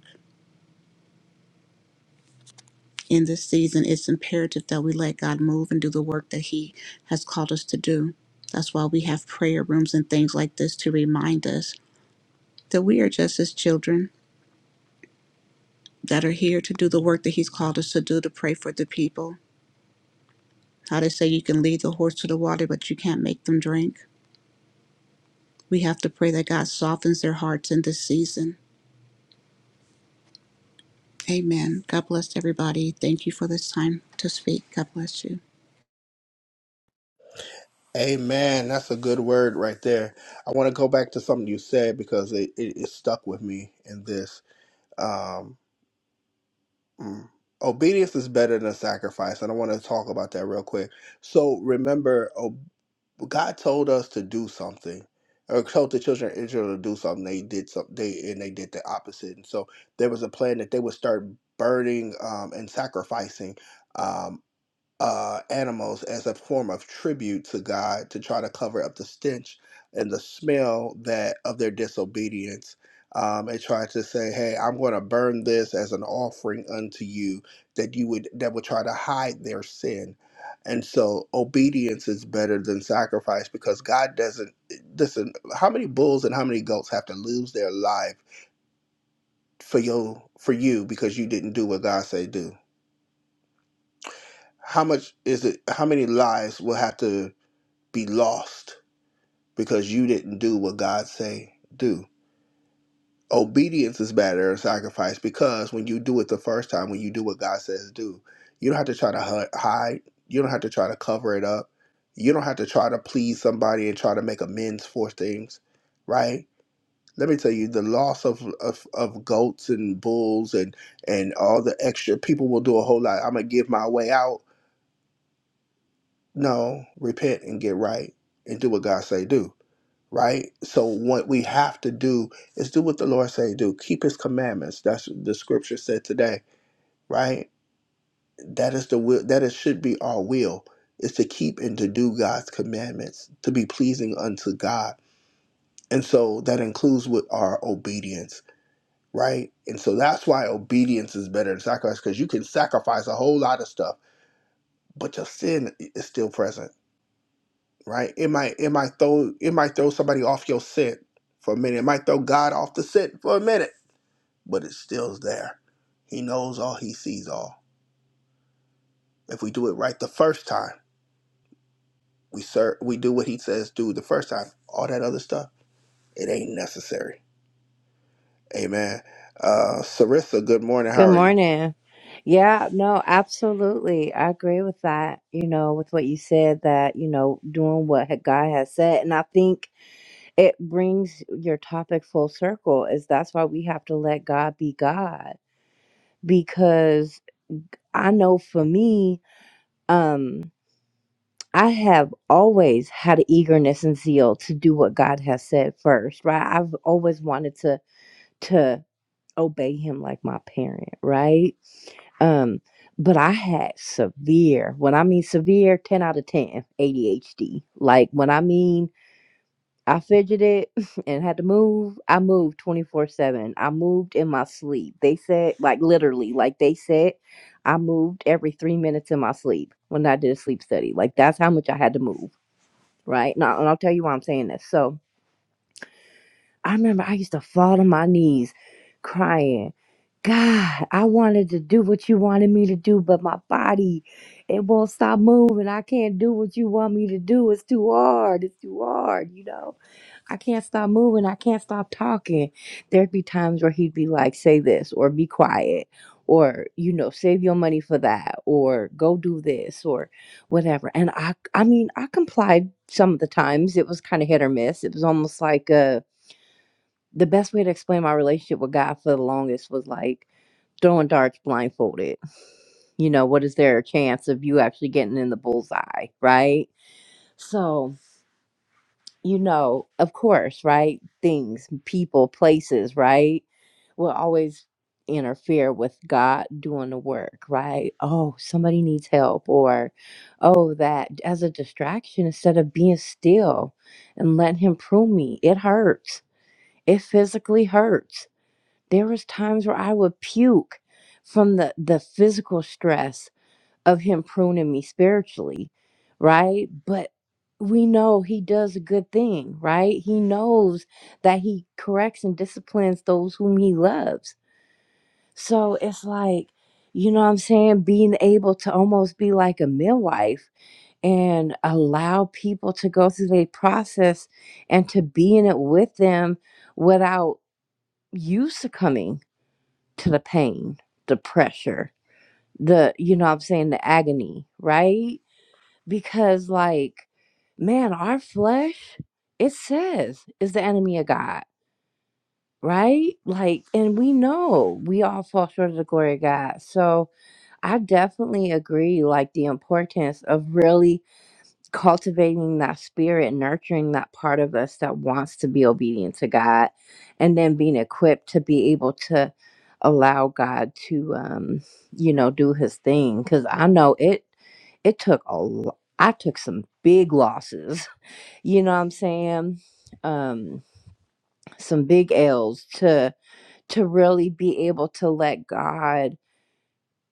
Speaker 3: in this season, it's imperative that we let God move and do the work that He has called us to do. That's why we have prayer rooms and things like this to remind us that we are just His children that are here to do the work that He's called us to do to pray for the people. How they say you can lead the horse to the water, but you can't make them drink. We have to pray that God softens their hearts in this season. Amen. God bless everybody. Thank you for this time to speak. God bless you.
Speaker 1: Amen. That's a good word right there. I want to go back to something you said because it, it, it stuck with me in this. Um, mm. obedience is better than sacrifice. And I want to talk about that real quick. So remember, oh, God told us to do something. Or told the children of Israel to do something. They did something, they, and they did the opposite. And so there was a plan that they would start burning um, and sacrificing. um, uh, animals as a form of tribute to God to try to cover up the stench and the smell that of their disobedience. Um, and tried to say, "Hey, I'm going to burn this as an offering unto you," that you would that would try to hide their sin. And so, obedience is better than sacrifice because God doesn't listen. How many bulls and how many goats have to lose their life for you for you because you didn't do what God said do? How much is it? How many lives will have to? be lost because you didn't do what God say do. Obedience is better than sacrifice because when you do it the first time, when you do what God says do, you don't have to try to hu- hide. You don't have to try to cover it up. You don't have to try to please somebody and try to make amends for things, right? Let me tell you, the loss of, of, of goats and bulls and, and all the extra people will do a whole lot. I'm gonna give my way out. No, repent and get right and do what God say do right? So what we have to do is do what the Lord say do. Keep His commandments. That's what the Scripture said today, right? That is the will. That it should be our will is to keep and to do God's commandments, to be pleasing unto God, and so that includes with our obedience, right? And so that's why obedience is better than sacrifice because you can sacrifice a whole lot of stuff, but your sin is still present right? It might it might throw it might throw somebody off your scent for a minute. It might throw God off the scent for a minute, but it still's there. He knows all. He sees all. If we do it right the first time, we serve. We do what He says do the first time. All that other stuff, it ain't necessary. Amen. Uh, Sarissa, good morning. How
Speaker 4: Good
Speaker 1: are you?
Speaker 4: morning. Yeah, no, absolutely. I agree with that, you know, with what you said that, you know, doing what ha- God has said. And I think it brings your topic full circle is that's why we have to let God be God because I know for me, um I have always had an eagerness and zeal to do what God has said first, right? I've always wanted to obey him like my parent, right? Um, but I had severe, when I mean severe, 10 out of 10 ADHD. Like when I mean I fidgeted and had to move, I moved 24 7. I moved in my sleep. They said, like literally, like they said, I moved every three minutes in my sleep when I did a sleep study. Like that's how much I had to move, right? Now, and I'll tell you why I'm saying this. So, I remember I used to fall on my knees crying. God, I wanted to do what you wanted me to do, but my body, it won't stop moving. I can't do what you want me to do. It's too hard. It's too hard, you know? I can't stop moving. I can't stop talking. There'd be times where he'd be like, say this, or be quiet, or, you know, save your money for that, or go do this, or whatever. And I, I mean, I complied some of the times. It was kind of hit or miss. It was almost like, uh, the best way to explain my relationship with God for the longest was like throwing darts blindfolded. You know, what is there a chance of you actually getting in the bullseye, right? So, you know, of course, right? Things, people, places, right? Will always interfere with God doing the work, right? Oh, somebody needs help, or oh, that as a distraction instead of being still and letting Him prune me. It hurts. It physically hurts There was times where I would puke from the the physical stress of him pruning me spiritually, right? But we know he does a good thing, right? He knows that he corrects and disciplines those whom he loves. So it's like, you know what I'm saying? Being able to almost be like a midwife and allow people to go through their process and to be in it with them without you succumbing to the pain, the pressure, the, you know what I'm saying, the agony, right? Because, like, man, our flesh, it says, is the enemy of God, right? Like, and we know we all fall short of the glory of God. So I definitely agree, like, the importance of really cultivating that spirit, nurturing that part of us that wants to be obedient to God, and then being equipped to be able to allow God to, um, you know, do His thing. Because I know it, it took a, lo- I took some big losses. You know what I'm saying? Um, some big L's to to really be able to let God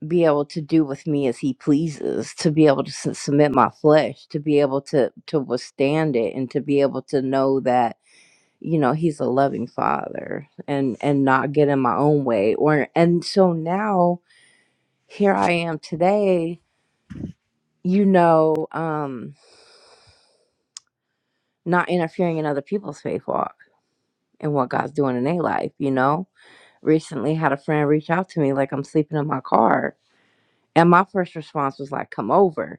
Speaker 4: be able to do with me as he pleases to be able to s- submit my flesh to be able to to withstand it and to be able to know that you know he's a loving father and and not get in my own way or and so now here i am today you know um not interfering in other people's faith walk and what god's doing in their life you know recently had a friend reach out to me like i'm sleeping in my car And my first response was like, "Come over,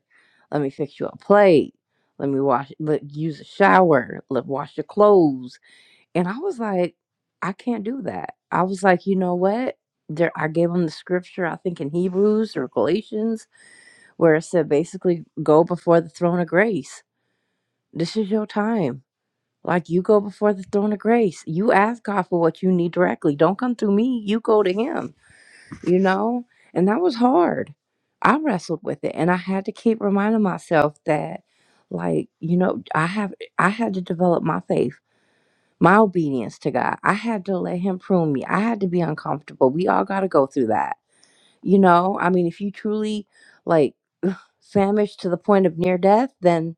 Speaker 4: let me fix you a plate, let me wash, let use a shower, let wash your clothes." And I was like, "I can't do that." I was like, "You know what?" There, I gave him the scripture, I think in Hebrews or Galatians, where it said basically, "Go before the throne of grace. This is your time." Like you go before the throne of grace. You ask God for what you need directly. Don't come through me. You go to him you know? And that was hard. I wrestled with it and I had to keep reminding myself that like, you know, I have I had to develop my faith, my obedience to God. I had to let him prune me. I had to be uncomfortable. We all got to go through that. You know, I mean, if you truly like famished to the point of near death, then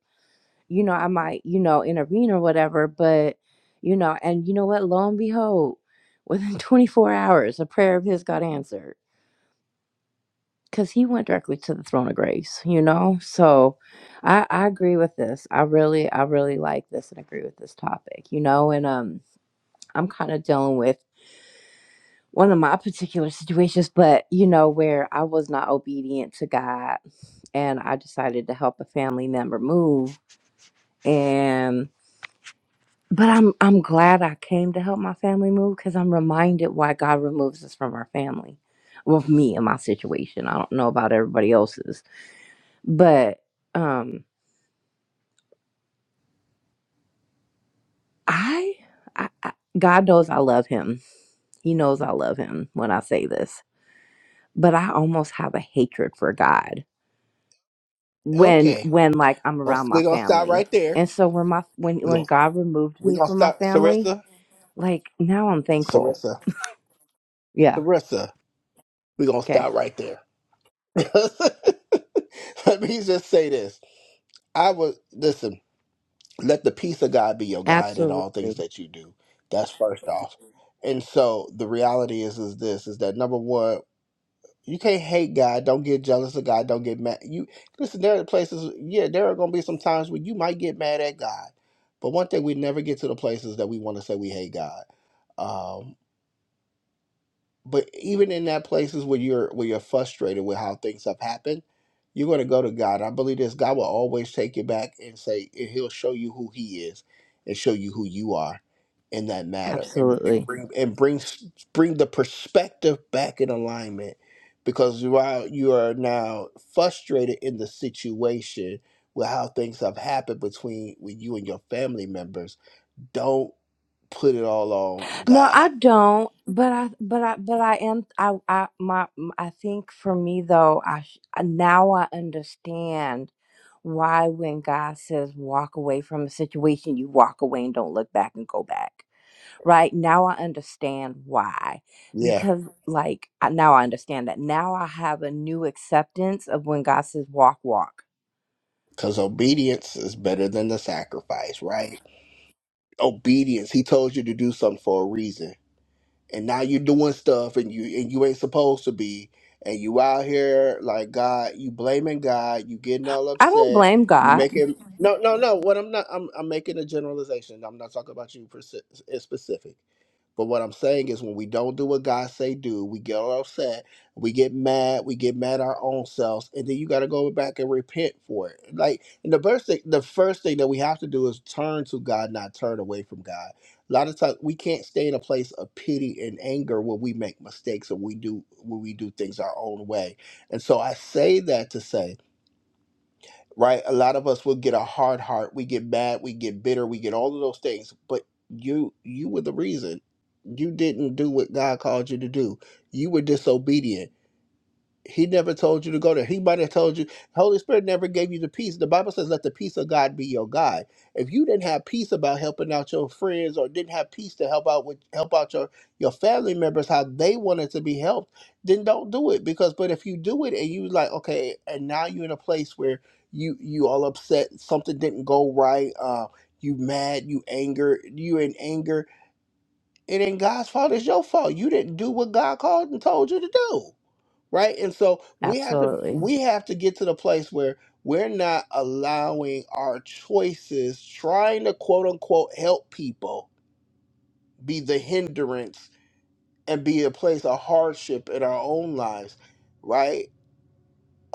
Speaker 4: you know, I might, you know, intervene or whatever, but you know, and you know what? Lo and behold, within 24 hours, a prayer of his got answered because he went directly to the throne of grace you know so i i agree with this i really i really like this and agree with this topic you know and um i'm kind of dealing with one of my particular situations but you know where i was not obedient to god and i decided to help a family member move and but i'm i'm glad i came to help my family move because i'm reminded why god removes us from our family well me and my situation i don't know about everybody else's But um I, I, I God knows I love him. He knows I love him when I say this. But I almost have a hatred for God when
Speaker 1: Okay,
Speaker 4: when like I'm
Speaker 1: Well,
Speaker 4: around
Speaker 1: we're
Speaker 4: my
Speaker 1: gonna stop
Speaker 4: family.
Speaker 1: right there.
Speaker 4: And so when my when
Speaker 1: We're
Speaker 4: when
Speaker 1: gonna
Speaker 4: God removed
Speaker 1: we're
Speaker 4: me
Speaker 1: gonna
Speaker 4: from my
Speaker 1: stop,
Speaker 4: family,
Speaker 1: Sarissa,
Speaker 4: like now I'm thankful.
Speaker 1: Sarissa,
Speaker 4: Yeah.
Speaker 1: Sarissa. We're gonna
Speaker 4: Okay.
Speaker 1: stop right there. Let me just say this. I would listen. Let the peace of God be your guide in all things
Speaker 4: Absolutely.
Speaker 1: that you do. That's first off. And so the reality is, is this: is that number one, you can't hate God. Don't get jealous of God. Don't get mad. You listen. There are places. Yeah, there are going to be some times where you might get mad at God. But one thing we never get to the places that we want to say we hate God. Um, but even in that places where you're where you're frustrated with how things have happened you're going to go to god i believe this god will always take you back and say and he'll show you who he is and show you who you are in that matter and, and
Speaker 4: Absolutely.
Speaker 1: bring and bring s- bring the perspective back in alignment because while you are now frustrated in the situation with how things have happened between with you and your family members don't put it all on
Speaker 4: No, I
Speaker 1: god
Speaker 4: don't. But I, but I, but I am. I, I, my, I think for me though, I sh- now I understand why when God says walk away from a situation, you walk away and don't look back and go back. Right now, I understand why.
Speaker 1: yeah
Speaker 4: Because like I- now, I understand that now I have a new acceptance of when God says walk, walk.
Speaker 1: Because obedience is better than the sacrifice, right? Obedience. He told you to do something for a reason. And now you're doing stuff and you and you ain't supposed to be. And you out here like God, you blaming God, you getting all
Speaker 4: I don't
Speaker 1: upset,
Speaker 4: blame
Speaker 1: you
Speaker 4: God.
Speaker 1: making no, no, no. What I'm not I'm I'm making a generalization. I'm not talking about you persi- it's specific. But what I'm saying is when we don't do what God say do, we get upset, we get mad, we get mad our own selves, and then you gotta go back and repent for it. Like and the first thing the first thing that we have to do is turn to God, not turn away from God. A lot of times we can't stay in a place of pity and anger when we make mistakes and we do when we do things our own way. And so I say that to say right? A lot of us will get a hard heart. We get mad, we get bitter, we get all of those things. But you you were the reason. You didn't do what God called you to do. You were disobedient he never told you to go there. He might have told you. Holy Spirit never gave you the peace. The Bible says, "Let the peace of God be your guide." If you didn't have peace about helping out your friends, or didn't have peace to help out with help out your your family members how they wanted to be helped, then don't do it. Because, but if you do it and you like, okay, and now you're in a place where you you all upset, something didn't go right, uh, you mad, you anger, you in anger. It ain't God's fault. It's your fault. You didn't do what God called and told you to do right and so we have to
Speaker 4: Absolutely.
Speaker 1: we have to get to the place where we're not allowing our choices trying to quote unquote help people be the hindrance and be a place of hardship in our own lives right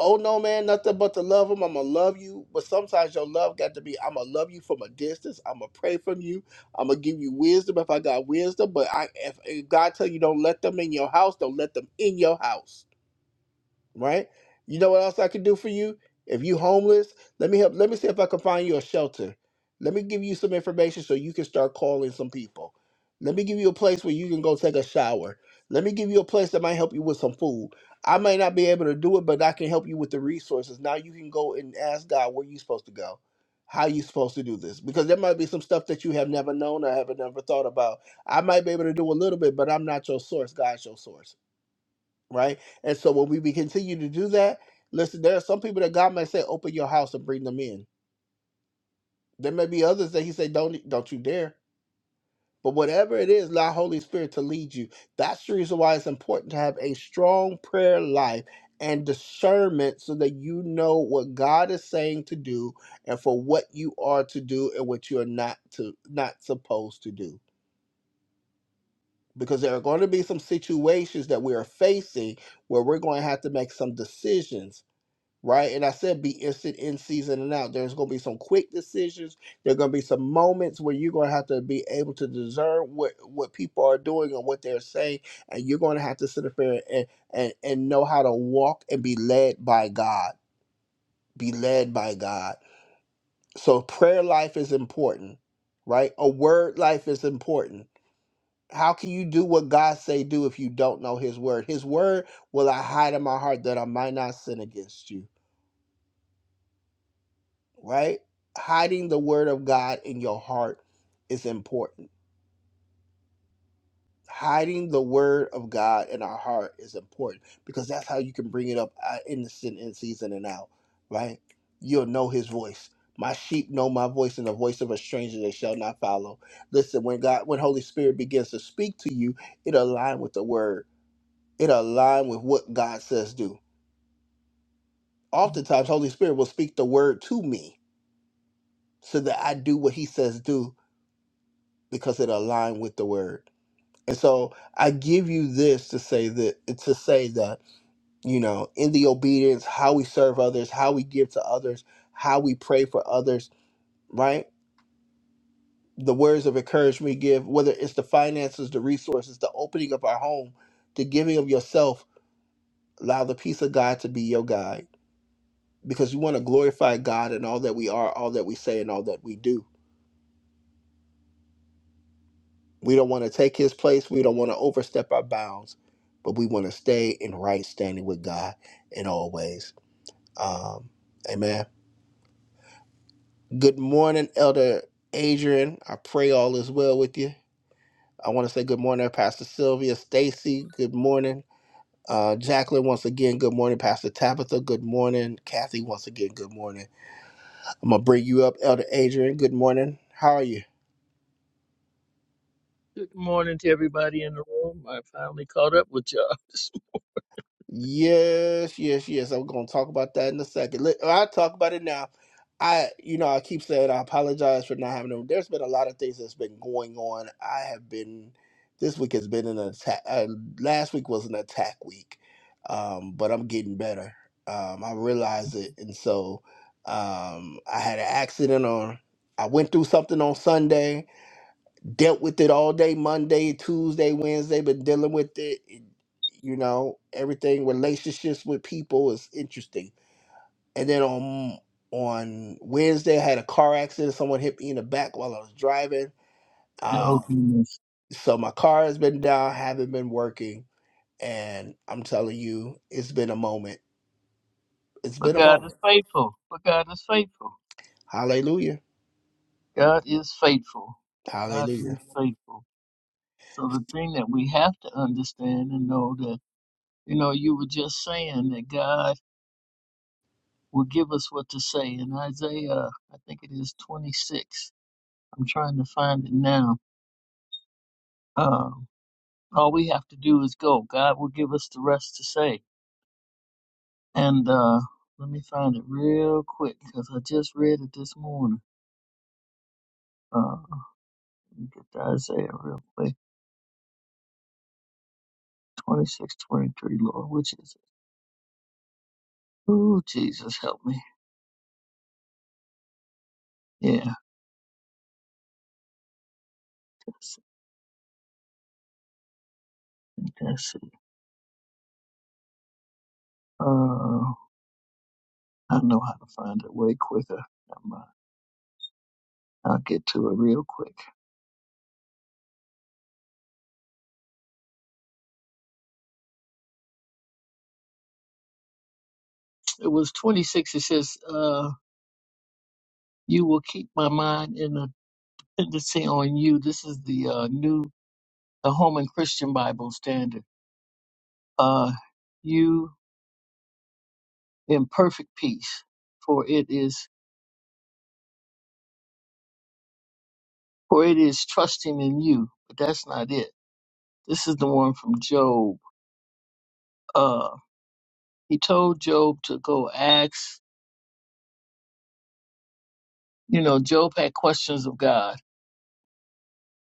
Speaker 1: oh no man nothing but to love them i'm gonna love you but sometimes your love got to be i'm gonna love you from a distance i'm gonna pray from you i'm gonna give you wisdom if i got wisdom but i if, if god tell you don't let them in your house don't let them in your house right? You know what else I could do for you? If you homeless, let me help. Let me see if I can find you a shelter. Let me give you some information so you can start calling some people. Let me give you a place where you can go take a shower. Let me give you a place that might help you with some food. I may not be able to do it, but I can help you with the resources. Now you can go and ask God where you are supposed to go, how you supposed to do this, because there might be some stuff that you have never known or haven't never thought about. I might be able to do a little bit, but I'm not your source. God's your source right? And so when we, we continue to do that, listen, there are some people that God may say, open your house and bring them in. There may be others that He say, don't e, don't you dare. But whatever it is, allow Holy Spirit to lead you. That's the reason why it's important to have a strong prayer life and discernment so that you know what God is saying to do and for what you are to do and what you are not to not supposed to do. Because there are going to be some situations that we are facing where we're going to have to make some decisions right? And I said be instant in season and out. There's going to be some quick decisions. There are going to be some moments where you're going to have to be able to discern what what people are doing and what they're saying, and you're going to have to sit up there and and and know how to walk and be led by God. Be led by God. So prayer life is important, right? A word life is important. How can you do what God say do if you don't know His word? His word will I hide in my heart that I might not sin against you right? Hiding the word of God in your heart is important. Hiding the word of God in our heart is important because that's how you can bring it up uh, in the sin in season and out, right? You'll know his voice. My sheep know my voice, and the voice of a stranger they shall not follow. Listen, when God, when Holy Spirit begins to speak to you, it align with the word. It align with what God says do. Oftentimes, Holy Spirit will speak the word to me so that I do what He says do because it aligned with the word. And so I give you this to say that to say that, you know, in the obedience, how we serve others, how we give to others, how we pray for others, right? The words of encouragement we give, whether it's the finances, the resources, the opening of our home, the giving of yourself, allow the peace of God to be your guide. Because we want to glorify God in all that we are, all that we say, and all that we do We don't want to take his place. We don't want to overstep our bounds, but we want to stay in right standing with God in all ways. Um, amen. Good morning, Elder Adrian. I pray all is well with you. I want to say good morning, Pastor Sylvia, Stacy. Good morning. Uh, Jacqueline, once again, good morning. Pastor Tabitha, good morning. Kathy, once again, good morning. I'm going to bring you up, Elder Adrian. Good morning. How are you?
Speaker 5: Good morning to everybody in the room. I finally caught up with y'all.
Speaker 1: Yes, yes, yes. I'm going to talk about that in a second. Let, I'll talk about it now. I, you know, I keep saying I apologize for not having them. There's been a lot of things that's been going on. I have been, this week has been an attack. Uh, last week was an attack week, um, but I'm getting better. Um, I realize it. And so um, I had an accident on, I went through something on Sunday dealt with it all day Monday, Tuesday, Wednesday, been dealing with it. You know, everything relationships with people is interesting. And then on on Wednesday, I had a car accident. Someone hit me in the back while I was driving.
Speaker 5: oh,
Speaker 1: Um,
Speaker 5: goodness.
Speaker 1: so my car has been down, haven't been working, and I'm telling you, it's been a moment. It's
Speaker 5: But
Speaker 1: been a
Speaker 5: God is
Speaker 1: moment.
Speaker 5: faithful. But God is faithful.
Speaker 1: Hallelujah.
Speaker 5: God is faithful. God
Speaker 1: Hallelujah.
Speaker 5: is faithful. So the thing that we have to understand and know that, you know, you were just saying that God will give us what to say. In Isaiah, I think it is 26. I'm trying to find it now. Um, all we have to do is go. God will give us the rest to say. And uh, let me find it real quick because I just read it this morning. Uh, let me get to Isaiah real quick. Twenty-six, twenty-three. Lord, which is it? Ooh, Jesus, help me. Yeah, that's it. That's it. Uh, I know how to find it way quicker. Never mind. I'll get to it real quick. It was 26. It says, uh, You will keep my mind in a dependency on you. This is the uh, new, the Holman Christian Bible Standard. Uh, you in perfect peace, for it is for it is trusting in you. But that's not it. This is the one from Job. Uh, he told Job to go ask. You know, Job had questions of God,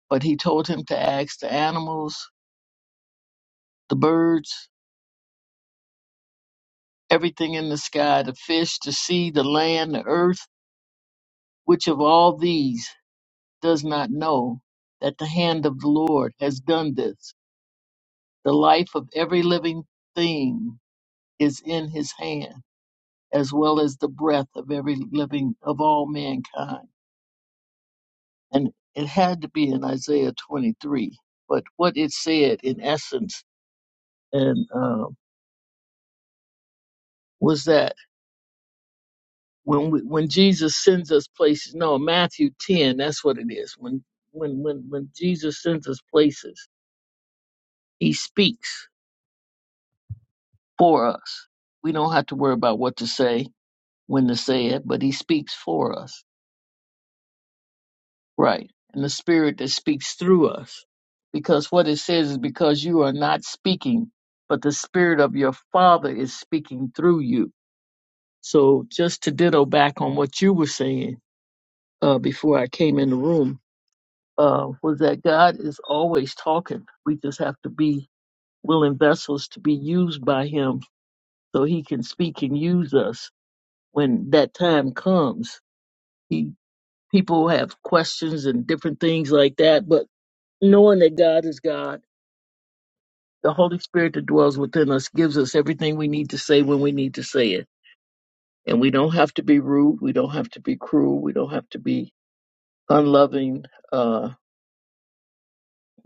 Speaker 5: but he told him to ask the animals, the birds, everything in the sky, the fish, the sea, the land, the earth, which of all these does not know that the hand of the Lord has done this. The life of every living thing is in his hand as well as the breath of every living of all mankind. And it had to be in Isaiah 23. But what it said in essence and um, was that when we, when Jesus sends us places, no, Matthew 10, that's what it is. When when when when Jesus sends us places, He speaks for us. We don't have to worry about what to say when to say it, but He speaks for us Right. And the spirit that speaks through us. Because what it says is because you are not speaking, but the spirit of your father is speaking through you. So just to ditto back on what you were saying uh, before I came in the room, uh, was that God is always talking. We just have to be willing vessels to be used by him so he can speak and use us when that time comes. He people have questions and different things like that, but knowing that God is God, the Holy Spirit that dwells within us gives us everything we need to say when we need to say it. And we don't have to be rude. We don't have to be cruel. We don't have to be unloving. Uh,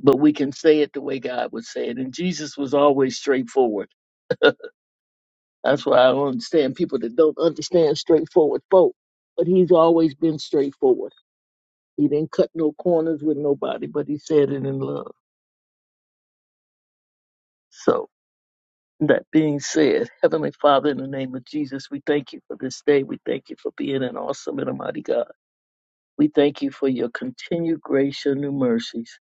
Speaker 5: but we can say it the way God would say it. And Jesus was always straightforward. That's why I don't understand people that don't understand straightforward folk. But he's always been straightforward. He didn't cut no corners with nobody, but he said it in love. So. That being said, Heavenly Father, in the name of Jesus, we thank you for this day. We thank you for being an awesome and almighty God. We thank you for your continued grace, your new mercies.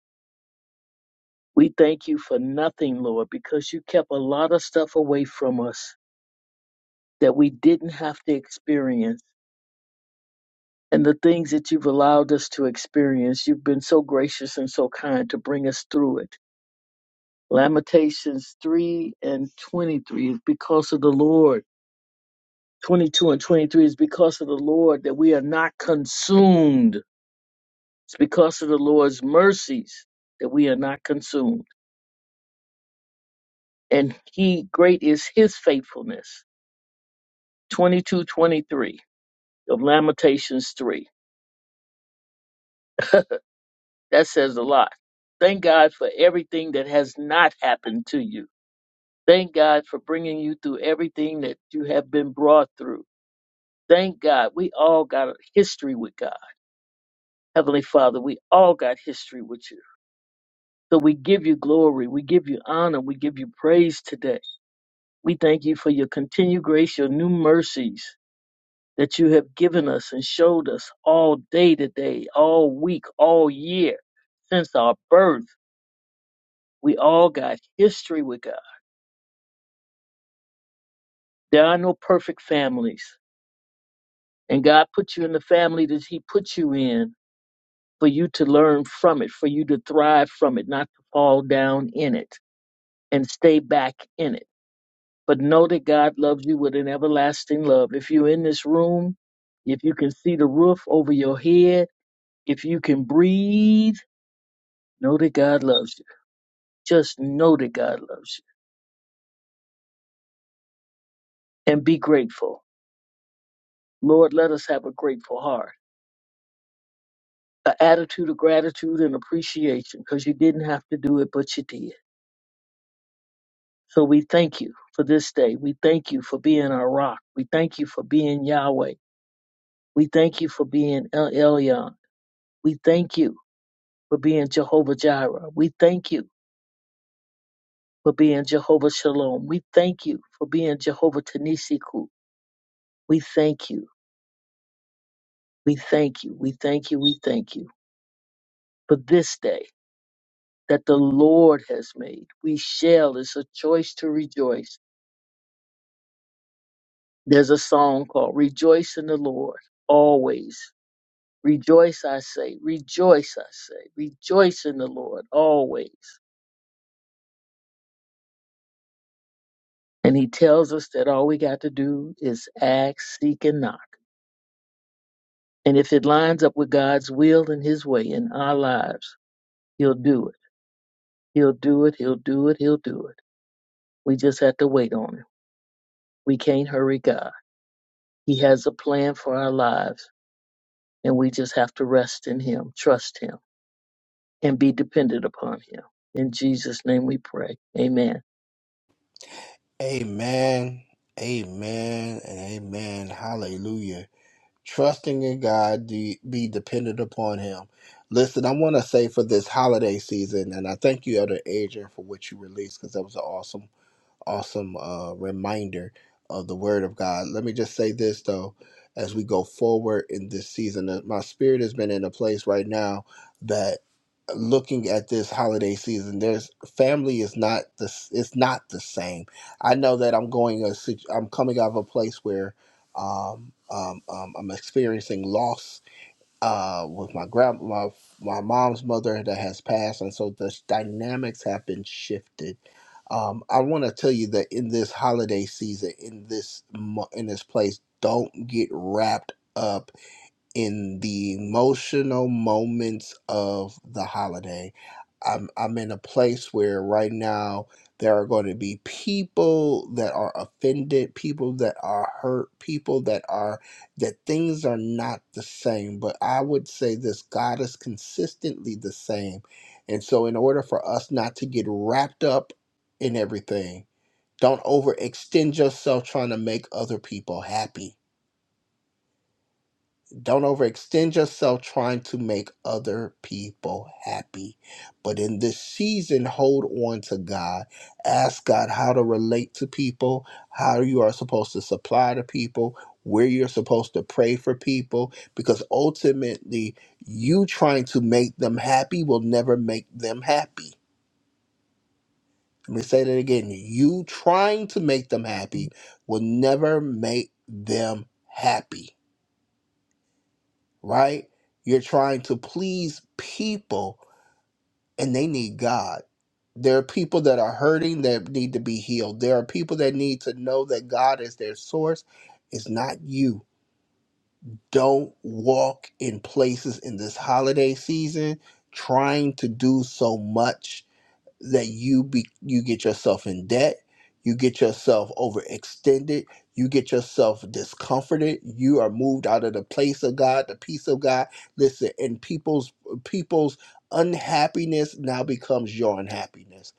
Speaker 5: We thank you for nothing, Lord, because you kept a lot of stuff away from us that we didn't have to experience. And the things that you've allowed us to experience, you've been so gracious and so kind to bring us through it. Lamentations 3 and 23 is because of the Lord. 22 and 23 is because of the Lord that we are not consumed. It's because of the Lord's mercies that we are not consumed. And he great is his faithfulness. 22, 23 of Lamentations 3. That says a lot. Thank God for everything that has not happened to you. Thank God for bringing you through everything that you have been brought through. Thank God. We all got a history with God. Heavenly Father, we all got history with you. So we give you glory, we give you honor, we give you praise today. We thank you for your continued grace, your new mercies that you have given us and showed us all day today, all week, all year since our birth. We all got history with God. There are no perfect families. And God put you in the family that He put you in for you to learn from it, for you to thrive from it, not to fall down in it and stay back in it but know that God loves you with an everlasting love. If you're in this room, if you can see the roof over your head, if you can breathe, know that God loves you. Just know that God loves you and be grateful. Lord, let us have a grateful heart, an attitude of gratitude and appreciation because you didn't have to do it, but you did. So we thank you for this day. We thank you for being our rock. We thank you for being Yahweh. We thank you for being El Elyon. We thank you for being Jehovah Jireh. We thank you for being Jehovah Shalom. We thank you for being Jehovah Tanisiku. We thank you. We thank you. We thank you. We thank you for this day that the Lord has made. We shall. It's a choice to rejoice. There's a song called Rejoice in the Lord always. Rejoice, I say. Rejoice, I say. Rejoice in the Lord always. And he tells us that all we got to do is ask, seek, and knock. And if it lines up with God's will and His way in our lives, He'll do it. He'll do it. He'll do it. He'll do it. We just have to wait on Him. We can't hurry God. He has a plan for our lives, and we just have to rest in Him, trust Him, and be dependent upon Him. In Jesus' name we pray. Amen.
Speaker 1: Amen. Amen and amen. Hallelujah. trusting in God, de- be dependent upon Him. Listen, I want to say for this holiday season, and I thank you, Elder Adrian, for what you released because that was an awesome awesome uh, reminder of the Word of God. Let me just say this though, as we go forward in this season, uh, my spirit has been in a place right now that looking at this holiday season there's family is not the s- it's not the same i know that i'm going a situ- i'm coming out of a place where um, um, um i'm experiencing loss uh, with my grand my my mom's mother that has passed, and so the dynamics have been shifted. Um, I want to tell you that in this holiday season, in this mo- in this place, don't get wrapped up in the emotional moments of the holiday. I'm, I'm in a place where right now there are going to be people that are offended, people that are hurt, people that are, that things are not the same. But I would say this God is consistently the same. And so, in order for us not to get wrapped up in everything, don't overextend yourself trying to make other people happy don't overextend yourself trying to make other people happy. But in this season, hold on to God. Ask God how to relate to people, how you are supposed to supply to people, where you're supposed to pray for people, because ultimately, you trying to make them happy will never make them happy. Let me say that again. You trying to make them happy will never make them happy right? You're trying to please people and they need God. There are people that are hurting that need to be healed. There are people that need to know that God is their source. It's not you. Don't walk in places in this holiday season trying to do so much that you be you get yourself in debt you get yourself overextended you get yourself discomforted you are moved out of the place of god the peace of god listen and people's people's unhappiness now becomes your unhappiness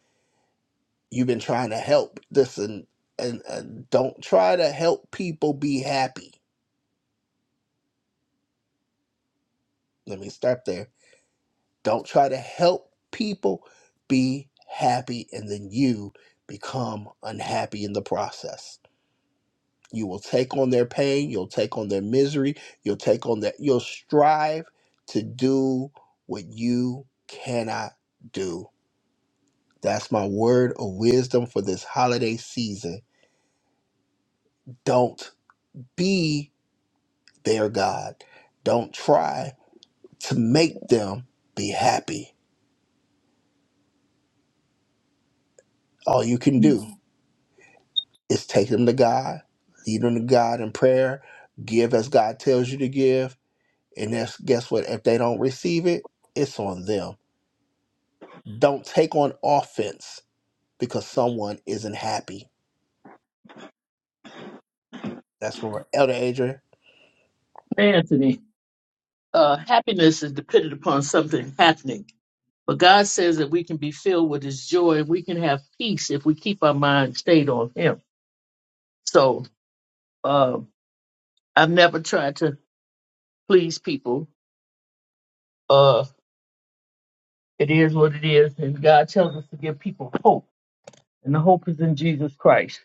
Speaker 1: you've been trying to help listen and, and don't try to help people be happy let me start there don't try to help people be happy and then you become unhappy in the process You will take on their pain, you'll take on their misery, you'll take on that, you'll strive to do what you cannot do. That's my word of wisdom for this holiday season. Don't be their God. Don't try to make them be happy. All you can do is take them to God, lead them to God in prayer, give as God tells you to give. And that's, guess what? If they don't receive it, it's on them Don't take on offense because someone isn't happy. That's where we're Elder Adrian.
Speaker 5: Anthony, uh, happiness is dependent upon something happening. But God says that we can be filled with His joy. We can have peace if we keep our mind stayed on Him. So, uh, I've never tried to please people. Uh, it is what it is, and God tells us to give people hope, and the hope is in Jesus Christ.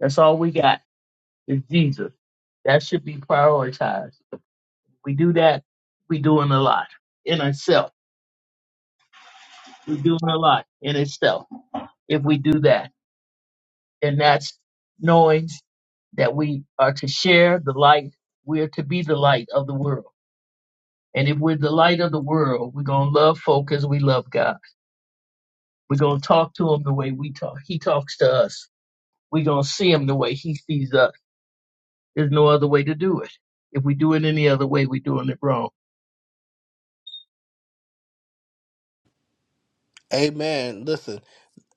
Speaker 5: That's all we got is Jesus. That should be prioritized. If we do that, we doing a lot in itself. we doing a lot in itself if we do that, and that's knowing that we are to share the light. We're to be the light of the world, and if we're the light of the world, we're gonna love folk as we love God We're gonna talk to him the way we talk. He talks to us. We're gonna see him the way he sees us. There's no other way to do it. If we do it any other way, we're doing it wrong.
Speaker 1: Amen. Listen.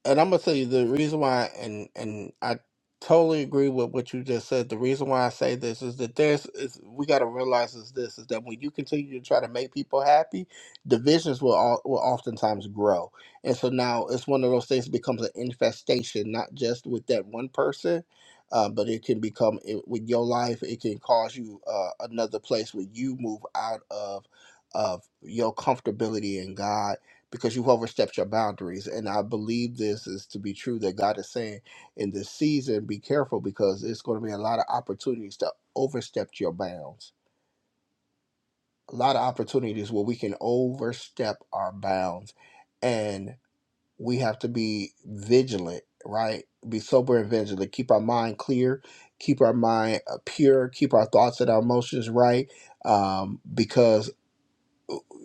Speaker 1: and I'm gonna tell you the reason why, and and I totally agree with what you just said. The reason why I say this is that there's is we gotta realize is this is that when you continue to try to make people happy, divisions will all, will oftentimes grow, and so now it's one of those things that becomes an infestation, not just with that one person. Uh, but it can become it, with your life. It can cause you uh, another place where you move out of of your comfortability in God because you've overstepped your boundaries. And I believe this is to be true that God is saying in this season, be careful because it's going to be a lot of opportunities to overstep your bounds. A lot of opportunities where we can overstep our bounds. And we have to be vigilant, right? Be sober and vigilant. Keep our mind clear, keep our mind uh, pure, keep our thoughts and our emotions right. Um, because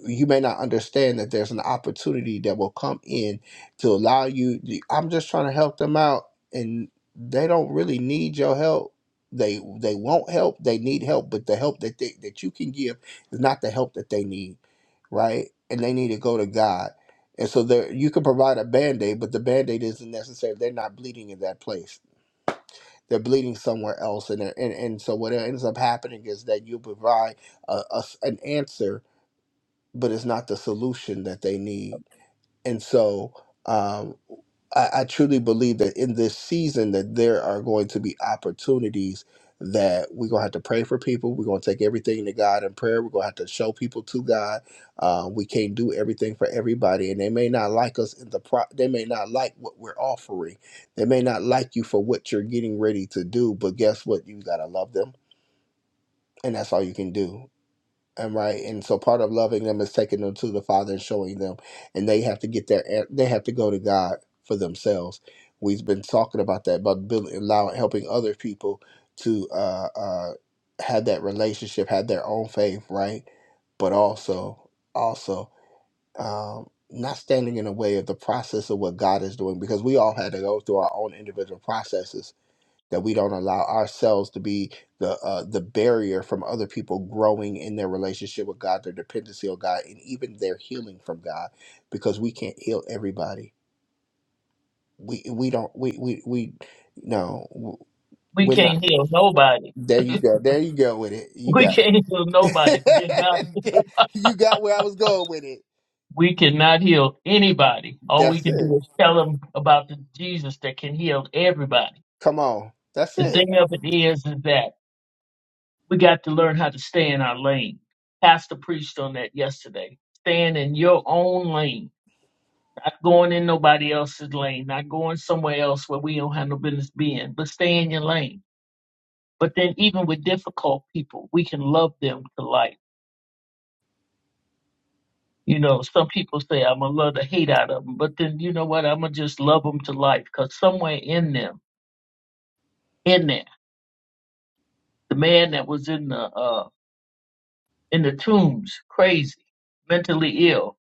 Speaker 1: you may not understand that there's an opportunity that will come in to allow you I'm just trying to help them out and they don't really need your help. They they won't help, they need help, but the help that they that you can give is not the help that they need, right? And they need to go to God. And so there you can provide a band-aid, but the band-aid isn't necessary. They're not bleeding in that place. They're bleeding somewhere else. And, they're- and and so what ends up happening is that you provide a, a s- an answer but it's not the solution that they need. And so um, I, I truly believe that in this season that there are going to be opportunities that we're gonna have to pray for people. We're gonna take everything to God in prayer. We're gonna have to show people to God. Uh, we can't do everything for everybody, and they may not like us in the pro. They may not like what we're offering. They may not like you for what you're getting ready to do. But guess what? You gotta love them, and that's all you can do and right and so part of loving them is taking them to the father and showing them and they have to get their they have to go to god for themselves we've been talking about that about building allowing helping other people to uh uh have that relationship have their own faith right but also also um not standing in the way of the process of what god is doing because we all had to go through our own individual processes that we don't allow ourselves to be the uh, the barrier from other people growing in their relationship with God, their dependency on God, and even their healing from God, because we can't heal everybody. We we don't we we we no w-
Speaker 5: We
Speaker 1: we're not.
Speaker 5: can't heal nobody.
Speaker 1: There you go. There you go with it. You
Speaker 5: We
Speaker 1: got it.
Speaker 5: can't heal nobody. Forget God.
Speaker 1: you got where I was going with it.
Speaker 5: We cannot heal anybody. All we
Speaker 1: That's
Speaker 5: can
Speaker 1: it.
Speaker 5: do is tell them about the Jesus that can heal everybody.
Speaker 1: Come on. That's
Speaker 5: The
Speaker 1: it.
Speaker 5: thing of it is, is that we got to learn how to stay in our lane. Pastor preached on that yesterday. Stand in your own lane Not going in nobody else's lane, not going somewhere else where we don't have no business being, but stay in your lane. But then even with difficult people, we can love them to life. You know, some people say I'm gonna love the hate out of them, but then you know what? I'm gonna just love them to life because somewhere in them, in there, the man that was in the uh in the tombs, crazy, mentally ill,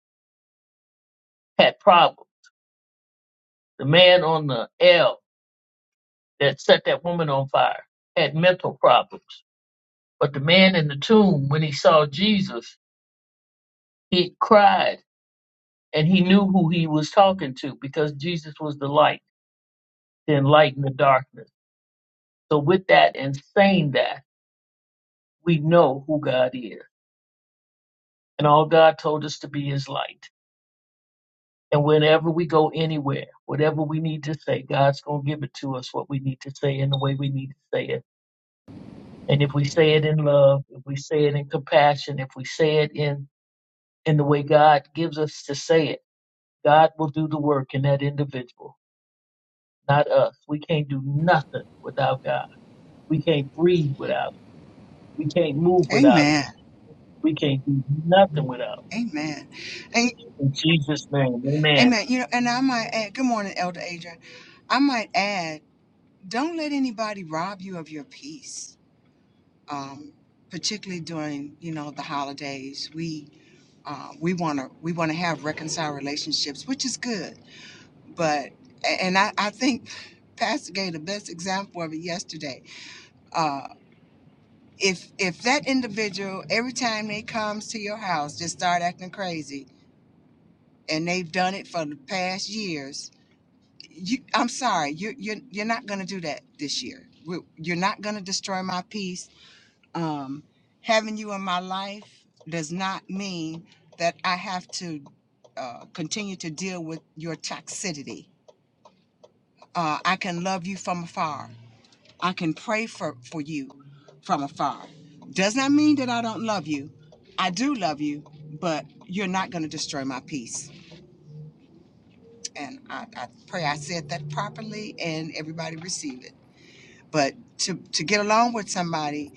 Speaker 5: had problems. The man on the L that set that woman on fire had mental problems But the man in the tomb, when he saw Jesus, he cried and he knew who he was talking to because Jesus was the light to enlighten the darkness. So, with that and saying that, we know who God is. And all God told us to be is light. And whenever we go anywhere, whatever we need to say, God's going to give it to us what we need to say in the way we need to say it. And if we say it in love, if we say it in compassion, if we say it in, in the way God gives us to say it, God will do the work in that individual, not us. We can't do nothing without God. We can't breathe without it. We can't move without it.
Speaker 2: Amen.
Speaker 5: We can't do nothing without
Speaker 2: Amen. A-
Speaker 5: it. In Jesus' name, amen.
Speaker 2: Amen. You know, and I might add, good morning, Elder Adrian. I might add, don't let anybody rob you of your peace. Um, particularly during, you know, the holidays, we uh, we want to we want to have reconciled relationships, which is good. but and I, I think Pastor gave the best example of it yesterday. Uh, if if that individual every time they comes to your house just start acting crazy and they've done it for the past years, you I'm sorry, you are you're you're you're not gonna do that this year. We- You're not gonna destroy my peace. Um, having you in my life does not mean that I have to uh, continue to deal with your toxicity. Uh, I can love you from afar I can pray for, for you from afar. Does not mean that I don't love you. I do love you, but you're not going to destroy my peace. And I, I pray I said that properly and everybody received it. But to, to get along with somebody,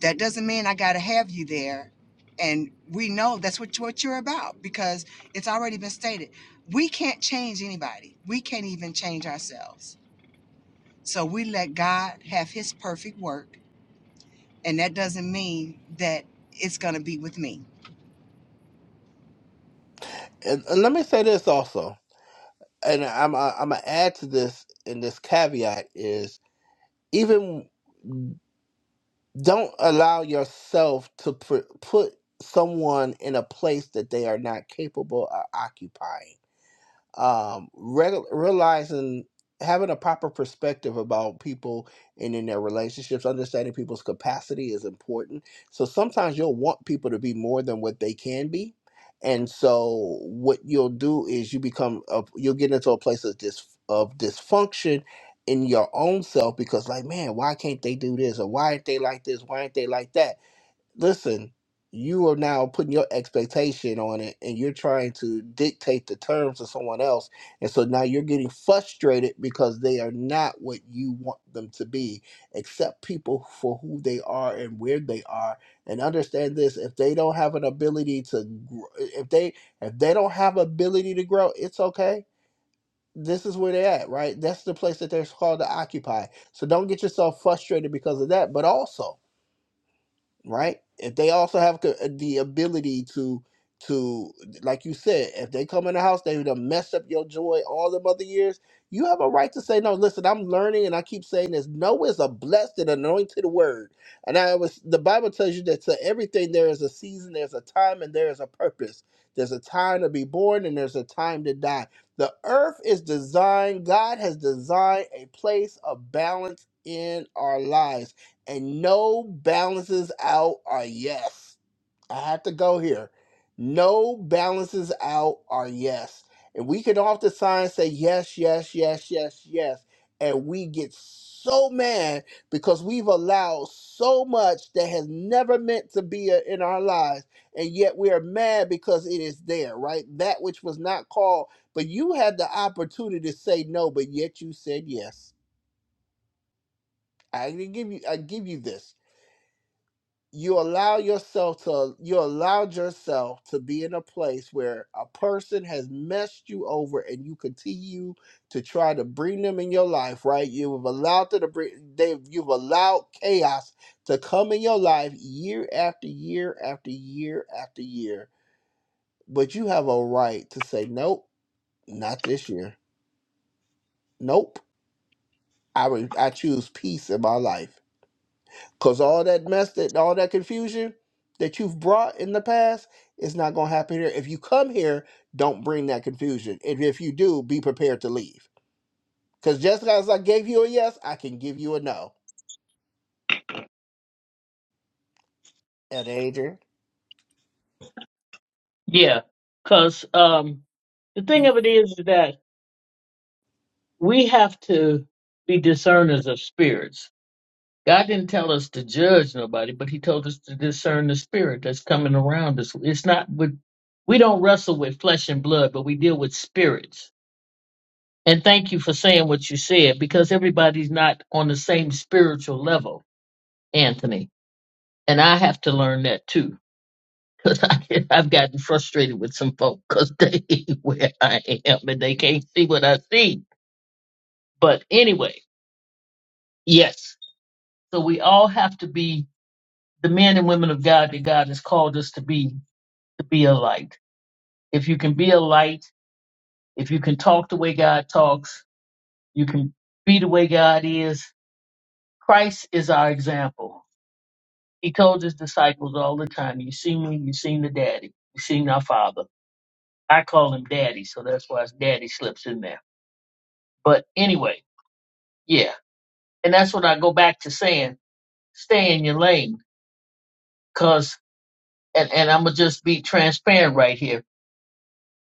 Speaker 2: that doesn't mean I got to have you there. And we know that's what, what you're about because it's already been stated. We can't change anybody, we can't even change ourselves. So we let God have his perfect work And that doesn't mean that it's going to be with me.
Speaker 1: And, and let me say this also, and I'm uh, I'm gonna add to this. And this caveat is even don't allow yourself to pr- put someone in a place that they are not capable of occupying um, re- realizing having a proper perspective about people and in their relationships, understanding people's capacity is important. So sometimes you'll want people to be more than what they can be. And so what you'll do is you become a, you'll get into a place of dis, of dysfunction in your own self because like man why can't they do this or why aren't they like this why aren't they like that listen, you are now putting your expectation on it and you're trying to dictate the terms to someone else. And so now you're getting frustrated because they are not what you want them to be. Accept people for who they are and where they are and understand this if they don't have an ability to gr- if they if they don't have ability to grow, it's okay. This is where they're at, right? That's the place that they're called to occupy. So don't get yourself frustrated because of that, but also right? If they also have co- uh, the ability to to like you said, if they come in the house, they done messed up your joy all them other years. You have a right to say no. Listen, I'm learning, and I keep saying this. No is a blessed and anointed word, and I was the Bible tells you that to everything there is a season, there's a time, and there is a purpose. There's a time to be born, and there's a time to die. The earth is designed. God has designed a place of balance in our lives and no balances out are yes. I have to go here. No balances out are yes. And we can oftentimes say yes, yes, yes, yes, yes. And we get so mad because we've allowed so much that has never meant to be a- in our lives. And yet we are mad because it is there, right? That which was not called, but you had the opportunity to say no, but yet you said yes. I give you I give you this. you allow yourself to you allowed yourself to be in a place where a person has messed you over and you continue to try to bring them in your life right you've allowed them to bring they you've allowed chaos to come in your life year after year after year after year but you have a right to say nope not this year nope i re- i choose peace in my life Cause all that mess that all that confusion that you've brought in the past is not gonna happen here. If you come here, don't bring that confusion. And if you do, be prepared to leave. Cause just as I gave you a yes, I can give you a no. And Adrian,
Speaker 5: Yeah, because um, the thing of it is that we have to be discerners of spirits. God didn't tell us to judge nobody, but He told us to discern the spirit that's coming around us. It's not with, we don't wrestle with flesh and blood, but we deal with spirits And thank you for saying what you said because everybody's not on the same spiritual level, Anthony. And I have to learn that too because I get, I've gotten frustrated with some folk because they where I am and they can't see what I see. But anyway, yes. So we all have to be the men and women of God that God has called us to be, to be a light. If you can be a light, if you can talk the way God talks, you can be the way God is. Christ is our example. He told his disciples all the time, You seen me, you seen the daddy, you seen our father. I call him daddy, so that's why his daddy slips in there. But anyway, yeah. And that's what I go back to saying, stay in your lane. Cause and, and I'ma just be transparent right here.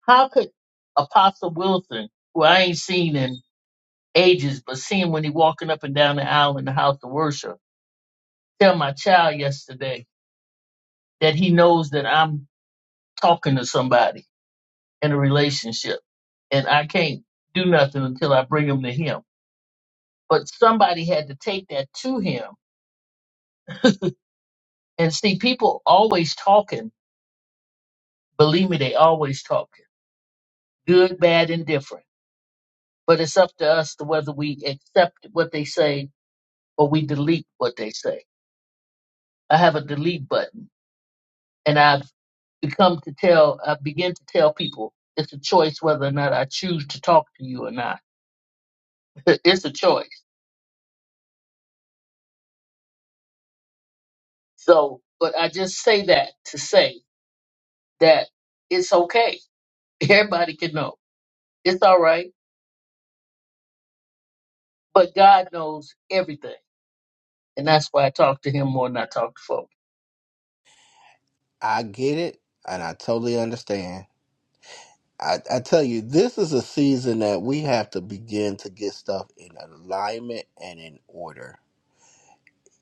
Speaker 5: How could Apostle Wilson, who I ain't seen in ages, but seeing when he walking up and down the aisle in the house of worship, tell my child yesterday that he knows that I'm talking to somebody in a relationship. And I can't do nothing until I bring them to him. But somebody had to take that to him. And see, people always talking. Believe me, they always talking. Good, bad, and different. But it's up to us to whether we accept what they say or we delete what they say. I have a delete button and I've become to tell, I begin to tell people it's a choice whether or not I choose to talk to you or not. it's a choice. So, but I just say that to say that it's okay. Everybody can know. It's all right. But God knows everything. And that's why I talk to him more than I talk to folks.
Speaker 1: I get it and I totally understand. I, I tell you, this is a season that we have to begin to get stuff in alignment and in order.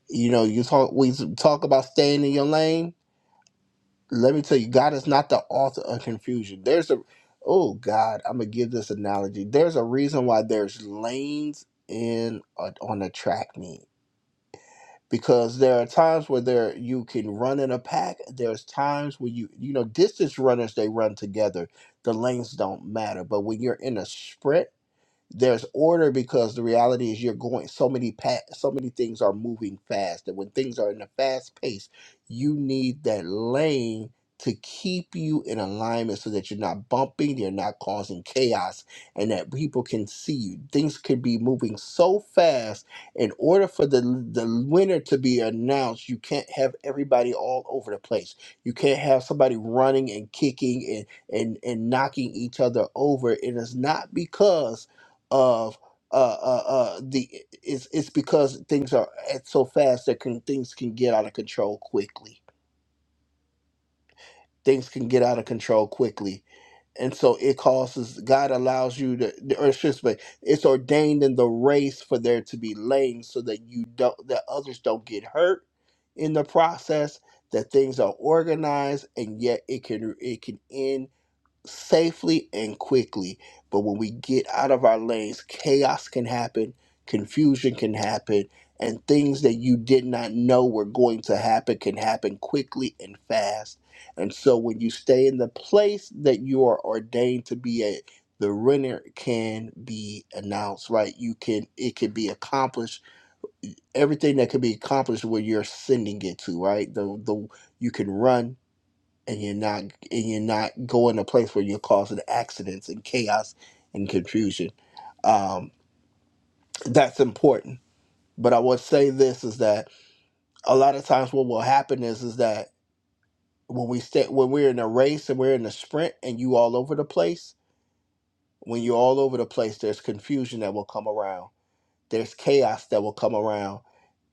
Speaker 1: You know, you talk we talk about staying in your lane let me tell you, God is not the author of confusion. There's a, oh God, I'm gonna give this analogy. There's a reason why there's lanes in a, on a track meet because there are times where there you can run in a pack. There's times where you you know distance runners they run together. The lanes don't matter, but when you're in a sprint there's order because the reality is you're going so many pa- so many things are moving fast and when things are in a fast pace you need that lane to keep you in alignment so that you're not bumping you're not causing chaos and that people can see you things could be moving so fast in order for the the winner to be announced you can't have everybody all over the place you can't have somebody running and kicking and and and knocking each other over it is not because of uh, uh, uh, the it's it's because things are at so fast that can things can get out of control quickly. Things can get out of control quickly, and so it causes God allows you to, the- or excuse me, it's ordained in the race for there to be lanes so that you don't that others don't get hurt in the process. That things are organized, and yet it can it can end safely and quickly. But when we get out of our lanes, chaos can happen, confusion can happen, and things that you did not know were going to happen can happen quickly and fast. And so when you stay in the place that you are ordained to be at, the winner can be announced, right? You can it can be accomplished. Everything that can be accomplished where you're sending it to, right? The the you can run and you're not and you're not going to place where you're causing accidents and chaos and confusion. Um, that's important. But I would say this is that a lot of times what will happen is is that when we stay when we're in a race and we're in a sprint and you all over the place, when you're all over the place, there's confusion that will come around. There's chaos that will come around.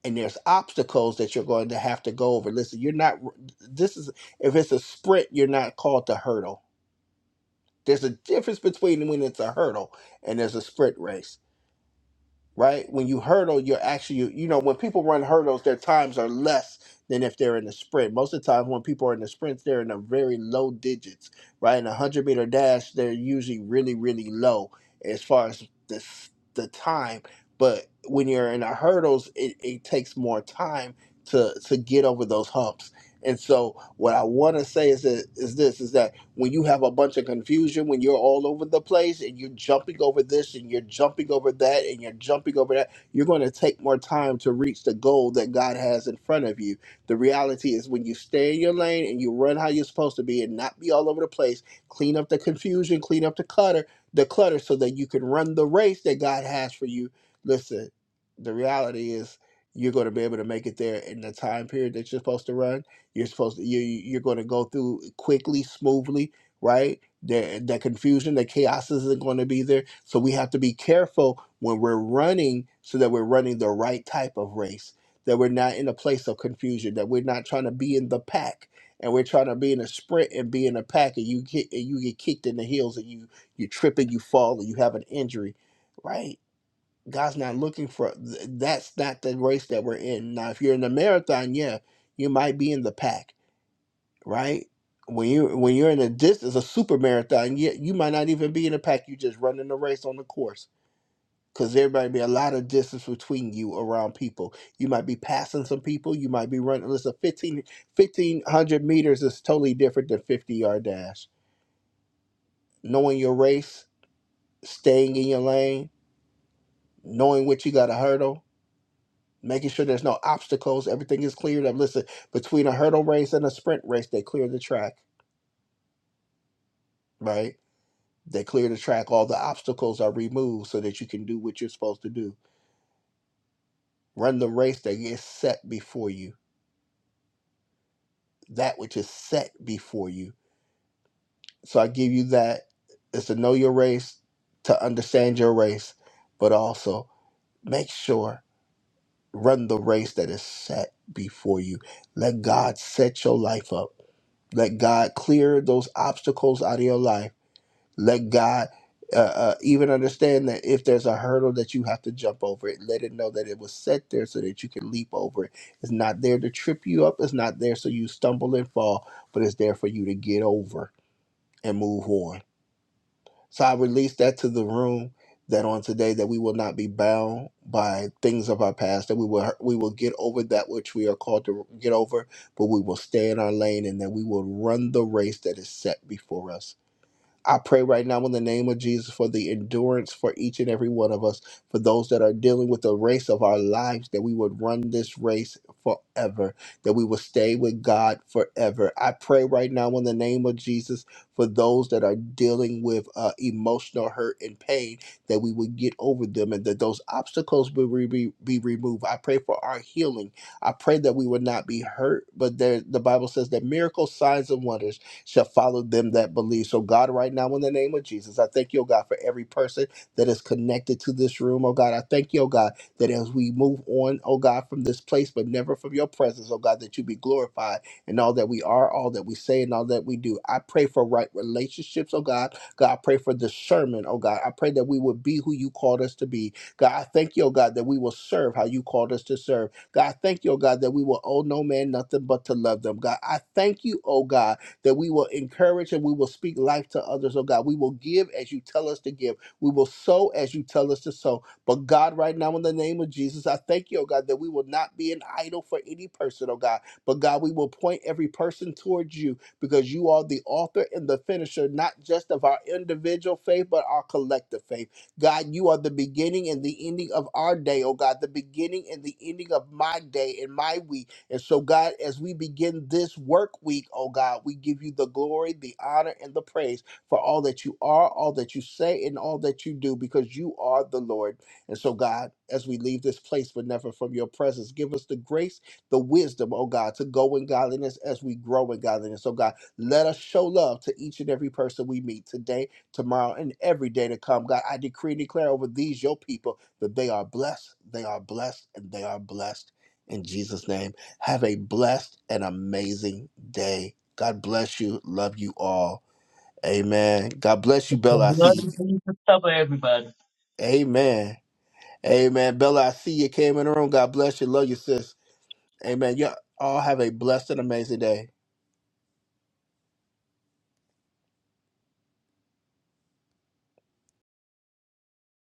Speaker 1: And there's obstacles that you're going to have to go over. Listen, you're not. This is if it's a sprint, you're not called to hurdle There's a difference between when it's a hurdle and there's a sprint race, right? When you hurdle, you're actually, you, you know, when people run hurdles, their times are less than if they're in the sprint. Most of the time, when people are in the sprints, they're in the very low digits, right? In a 100 meter dash, they're usually really, really low as far as the, s- the time. But when you're in the hurdles, it, it takes more time to, to get over those humps. And so, what I want to say is, that, is this: is that when you have a bunch of confusion, when you're all over the place and you're jumping over this and you're jumping over that and you're jumping over that, you're going to take more time to reach the goal that God has in front of you. The reality is when you stay in your lane and you run how you're supposed to be and not be all over the place, clean up the confusion, clean up the clutter, the clutter so that you can run the race that God has for you. Listen, the reality is you're going to be able to make it there in the time period that you're supposed to run you're supposed to, you, you're going to go through quickly, smoothly, right? The, the confusion, the chaos isn't going to be there. So we have to be careful when we're running so that we're running the right type of race, that we're not in a place of confusion, that we're not trying to be in the pack. And we're trying to be in a sprint and be in a pack, and you get and you get kicked in the heels, and you you trip and you fall, and you have an injury, right? God's not looking for th- that's not the race that we're in. Now, if you're in the marathon, yeah, you might be in the pack right? When you when you're in a distance, a super marathon, yet you might not even be in a pack. You just running the race on the course because there might be a lot of distance between you around people. You might be passing some people. You might be running. Listen, 15 1500 meters is totally different than fifty yard dash. Knowing your race, staying in your lane, knowing what you got to hurdle, making sure there's no obstacles, everything is cleared up. Listen, between a hurdle race and a sprint race, they clear the track, right? They clear the track, all the obstacles are removed so that you can do what you're supposed to do. Run the race that is set before you, that which is set before you. So I give you that. It's to know your race, to understand your race, but also make sure run the race that is set before you. Let God set your life up. Let God clear those obstacles out of your life Let God uh, uh, even understand that if there's a hurdle that you have to jump over it, let it know that it was set there so that you can leap over it. It's not there to trip you up, it's not there so you stumble and fall, but it's there for you to get over and move on. So I release that to the room that on today that we will not be bound by things of our past that we will we will get over that which we are called to get over but we will stay in our lane and that we will run the race that is set before us I pray right now in the name of Jesus for the endurance for each and every one of us, for those that are dealing with the race of our lives, that we would run this race forever, that we will stay with God forever. I pray right now in the name of Jesus for those that are dealing with uh, emotional hurt and pain, that we would get over them and that those obstacles will be, be, be removed. I pray for our healing. I pray that we would not be hurt, but there, the Bible says that miracles, signs, and wonders shall follow them that believe. So, God, right now, in the name of Jesus, I thank you, oh God, for every person that is connected to this room, oh God. I thank you, oh God, that as we move on, oh God, from this place, but never from your presence, oh God, that you be glorified in all that we are, all that we say, and all that we do. I pray for right relationships, oh God. God, I pray for discernment, oh God. I pray that we would be who you called us to be. God, I thank you, oh God, that we will serve how you called us to serve. God, I thank you, oh God, that we will owe no man nothing but to love them. God, I thank you, oh God that we will encourage and we will speak life to others, oh God. We will give as you tell us to give. We will sow as you tell us to sow. But God, right now, in the name of Jesus, I thank you, oh God, that we will not be an idol for any person, oh God. But God, we will point every person towards you because you are the author and the finisher, not just of our individual faith, but our collective faith. God, you are the beginning and the ending of our day, oh God, the beginning and the ending of my day and my week. And so, God, as we begin this work week, oh God, we give you the glory, the honor, and the praise for all that you are, all that you say, and all that you do, because you are the Lord. And so, God, as we leave this place, but never from your presence, give us the grace, the wisdom, oh God, to go in godliness as we grow in godliness. So, God, let us show love to each and every person we meet today, tomorrow, and every day to come. God, I decree and declare over these, your people, that they are blessed, they are blessed, and they are blessed. In Jesus' name. Have a blessed and amazing day. God bless you. Love you all. Amen. God bless you,
Speaker 5: The
Speaker 1: Bella. I see
Speaker 5: blood
Speaker 1: you.
Speaker 5: of Jesus cover everybody.
Speaker 1: Amen. Amen. Bella, I see you came in the room. God bless you. Love you, sis. Amen. You all have a blessed and amazing day.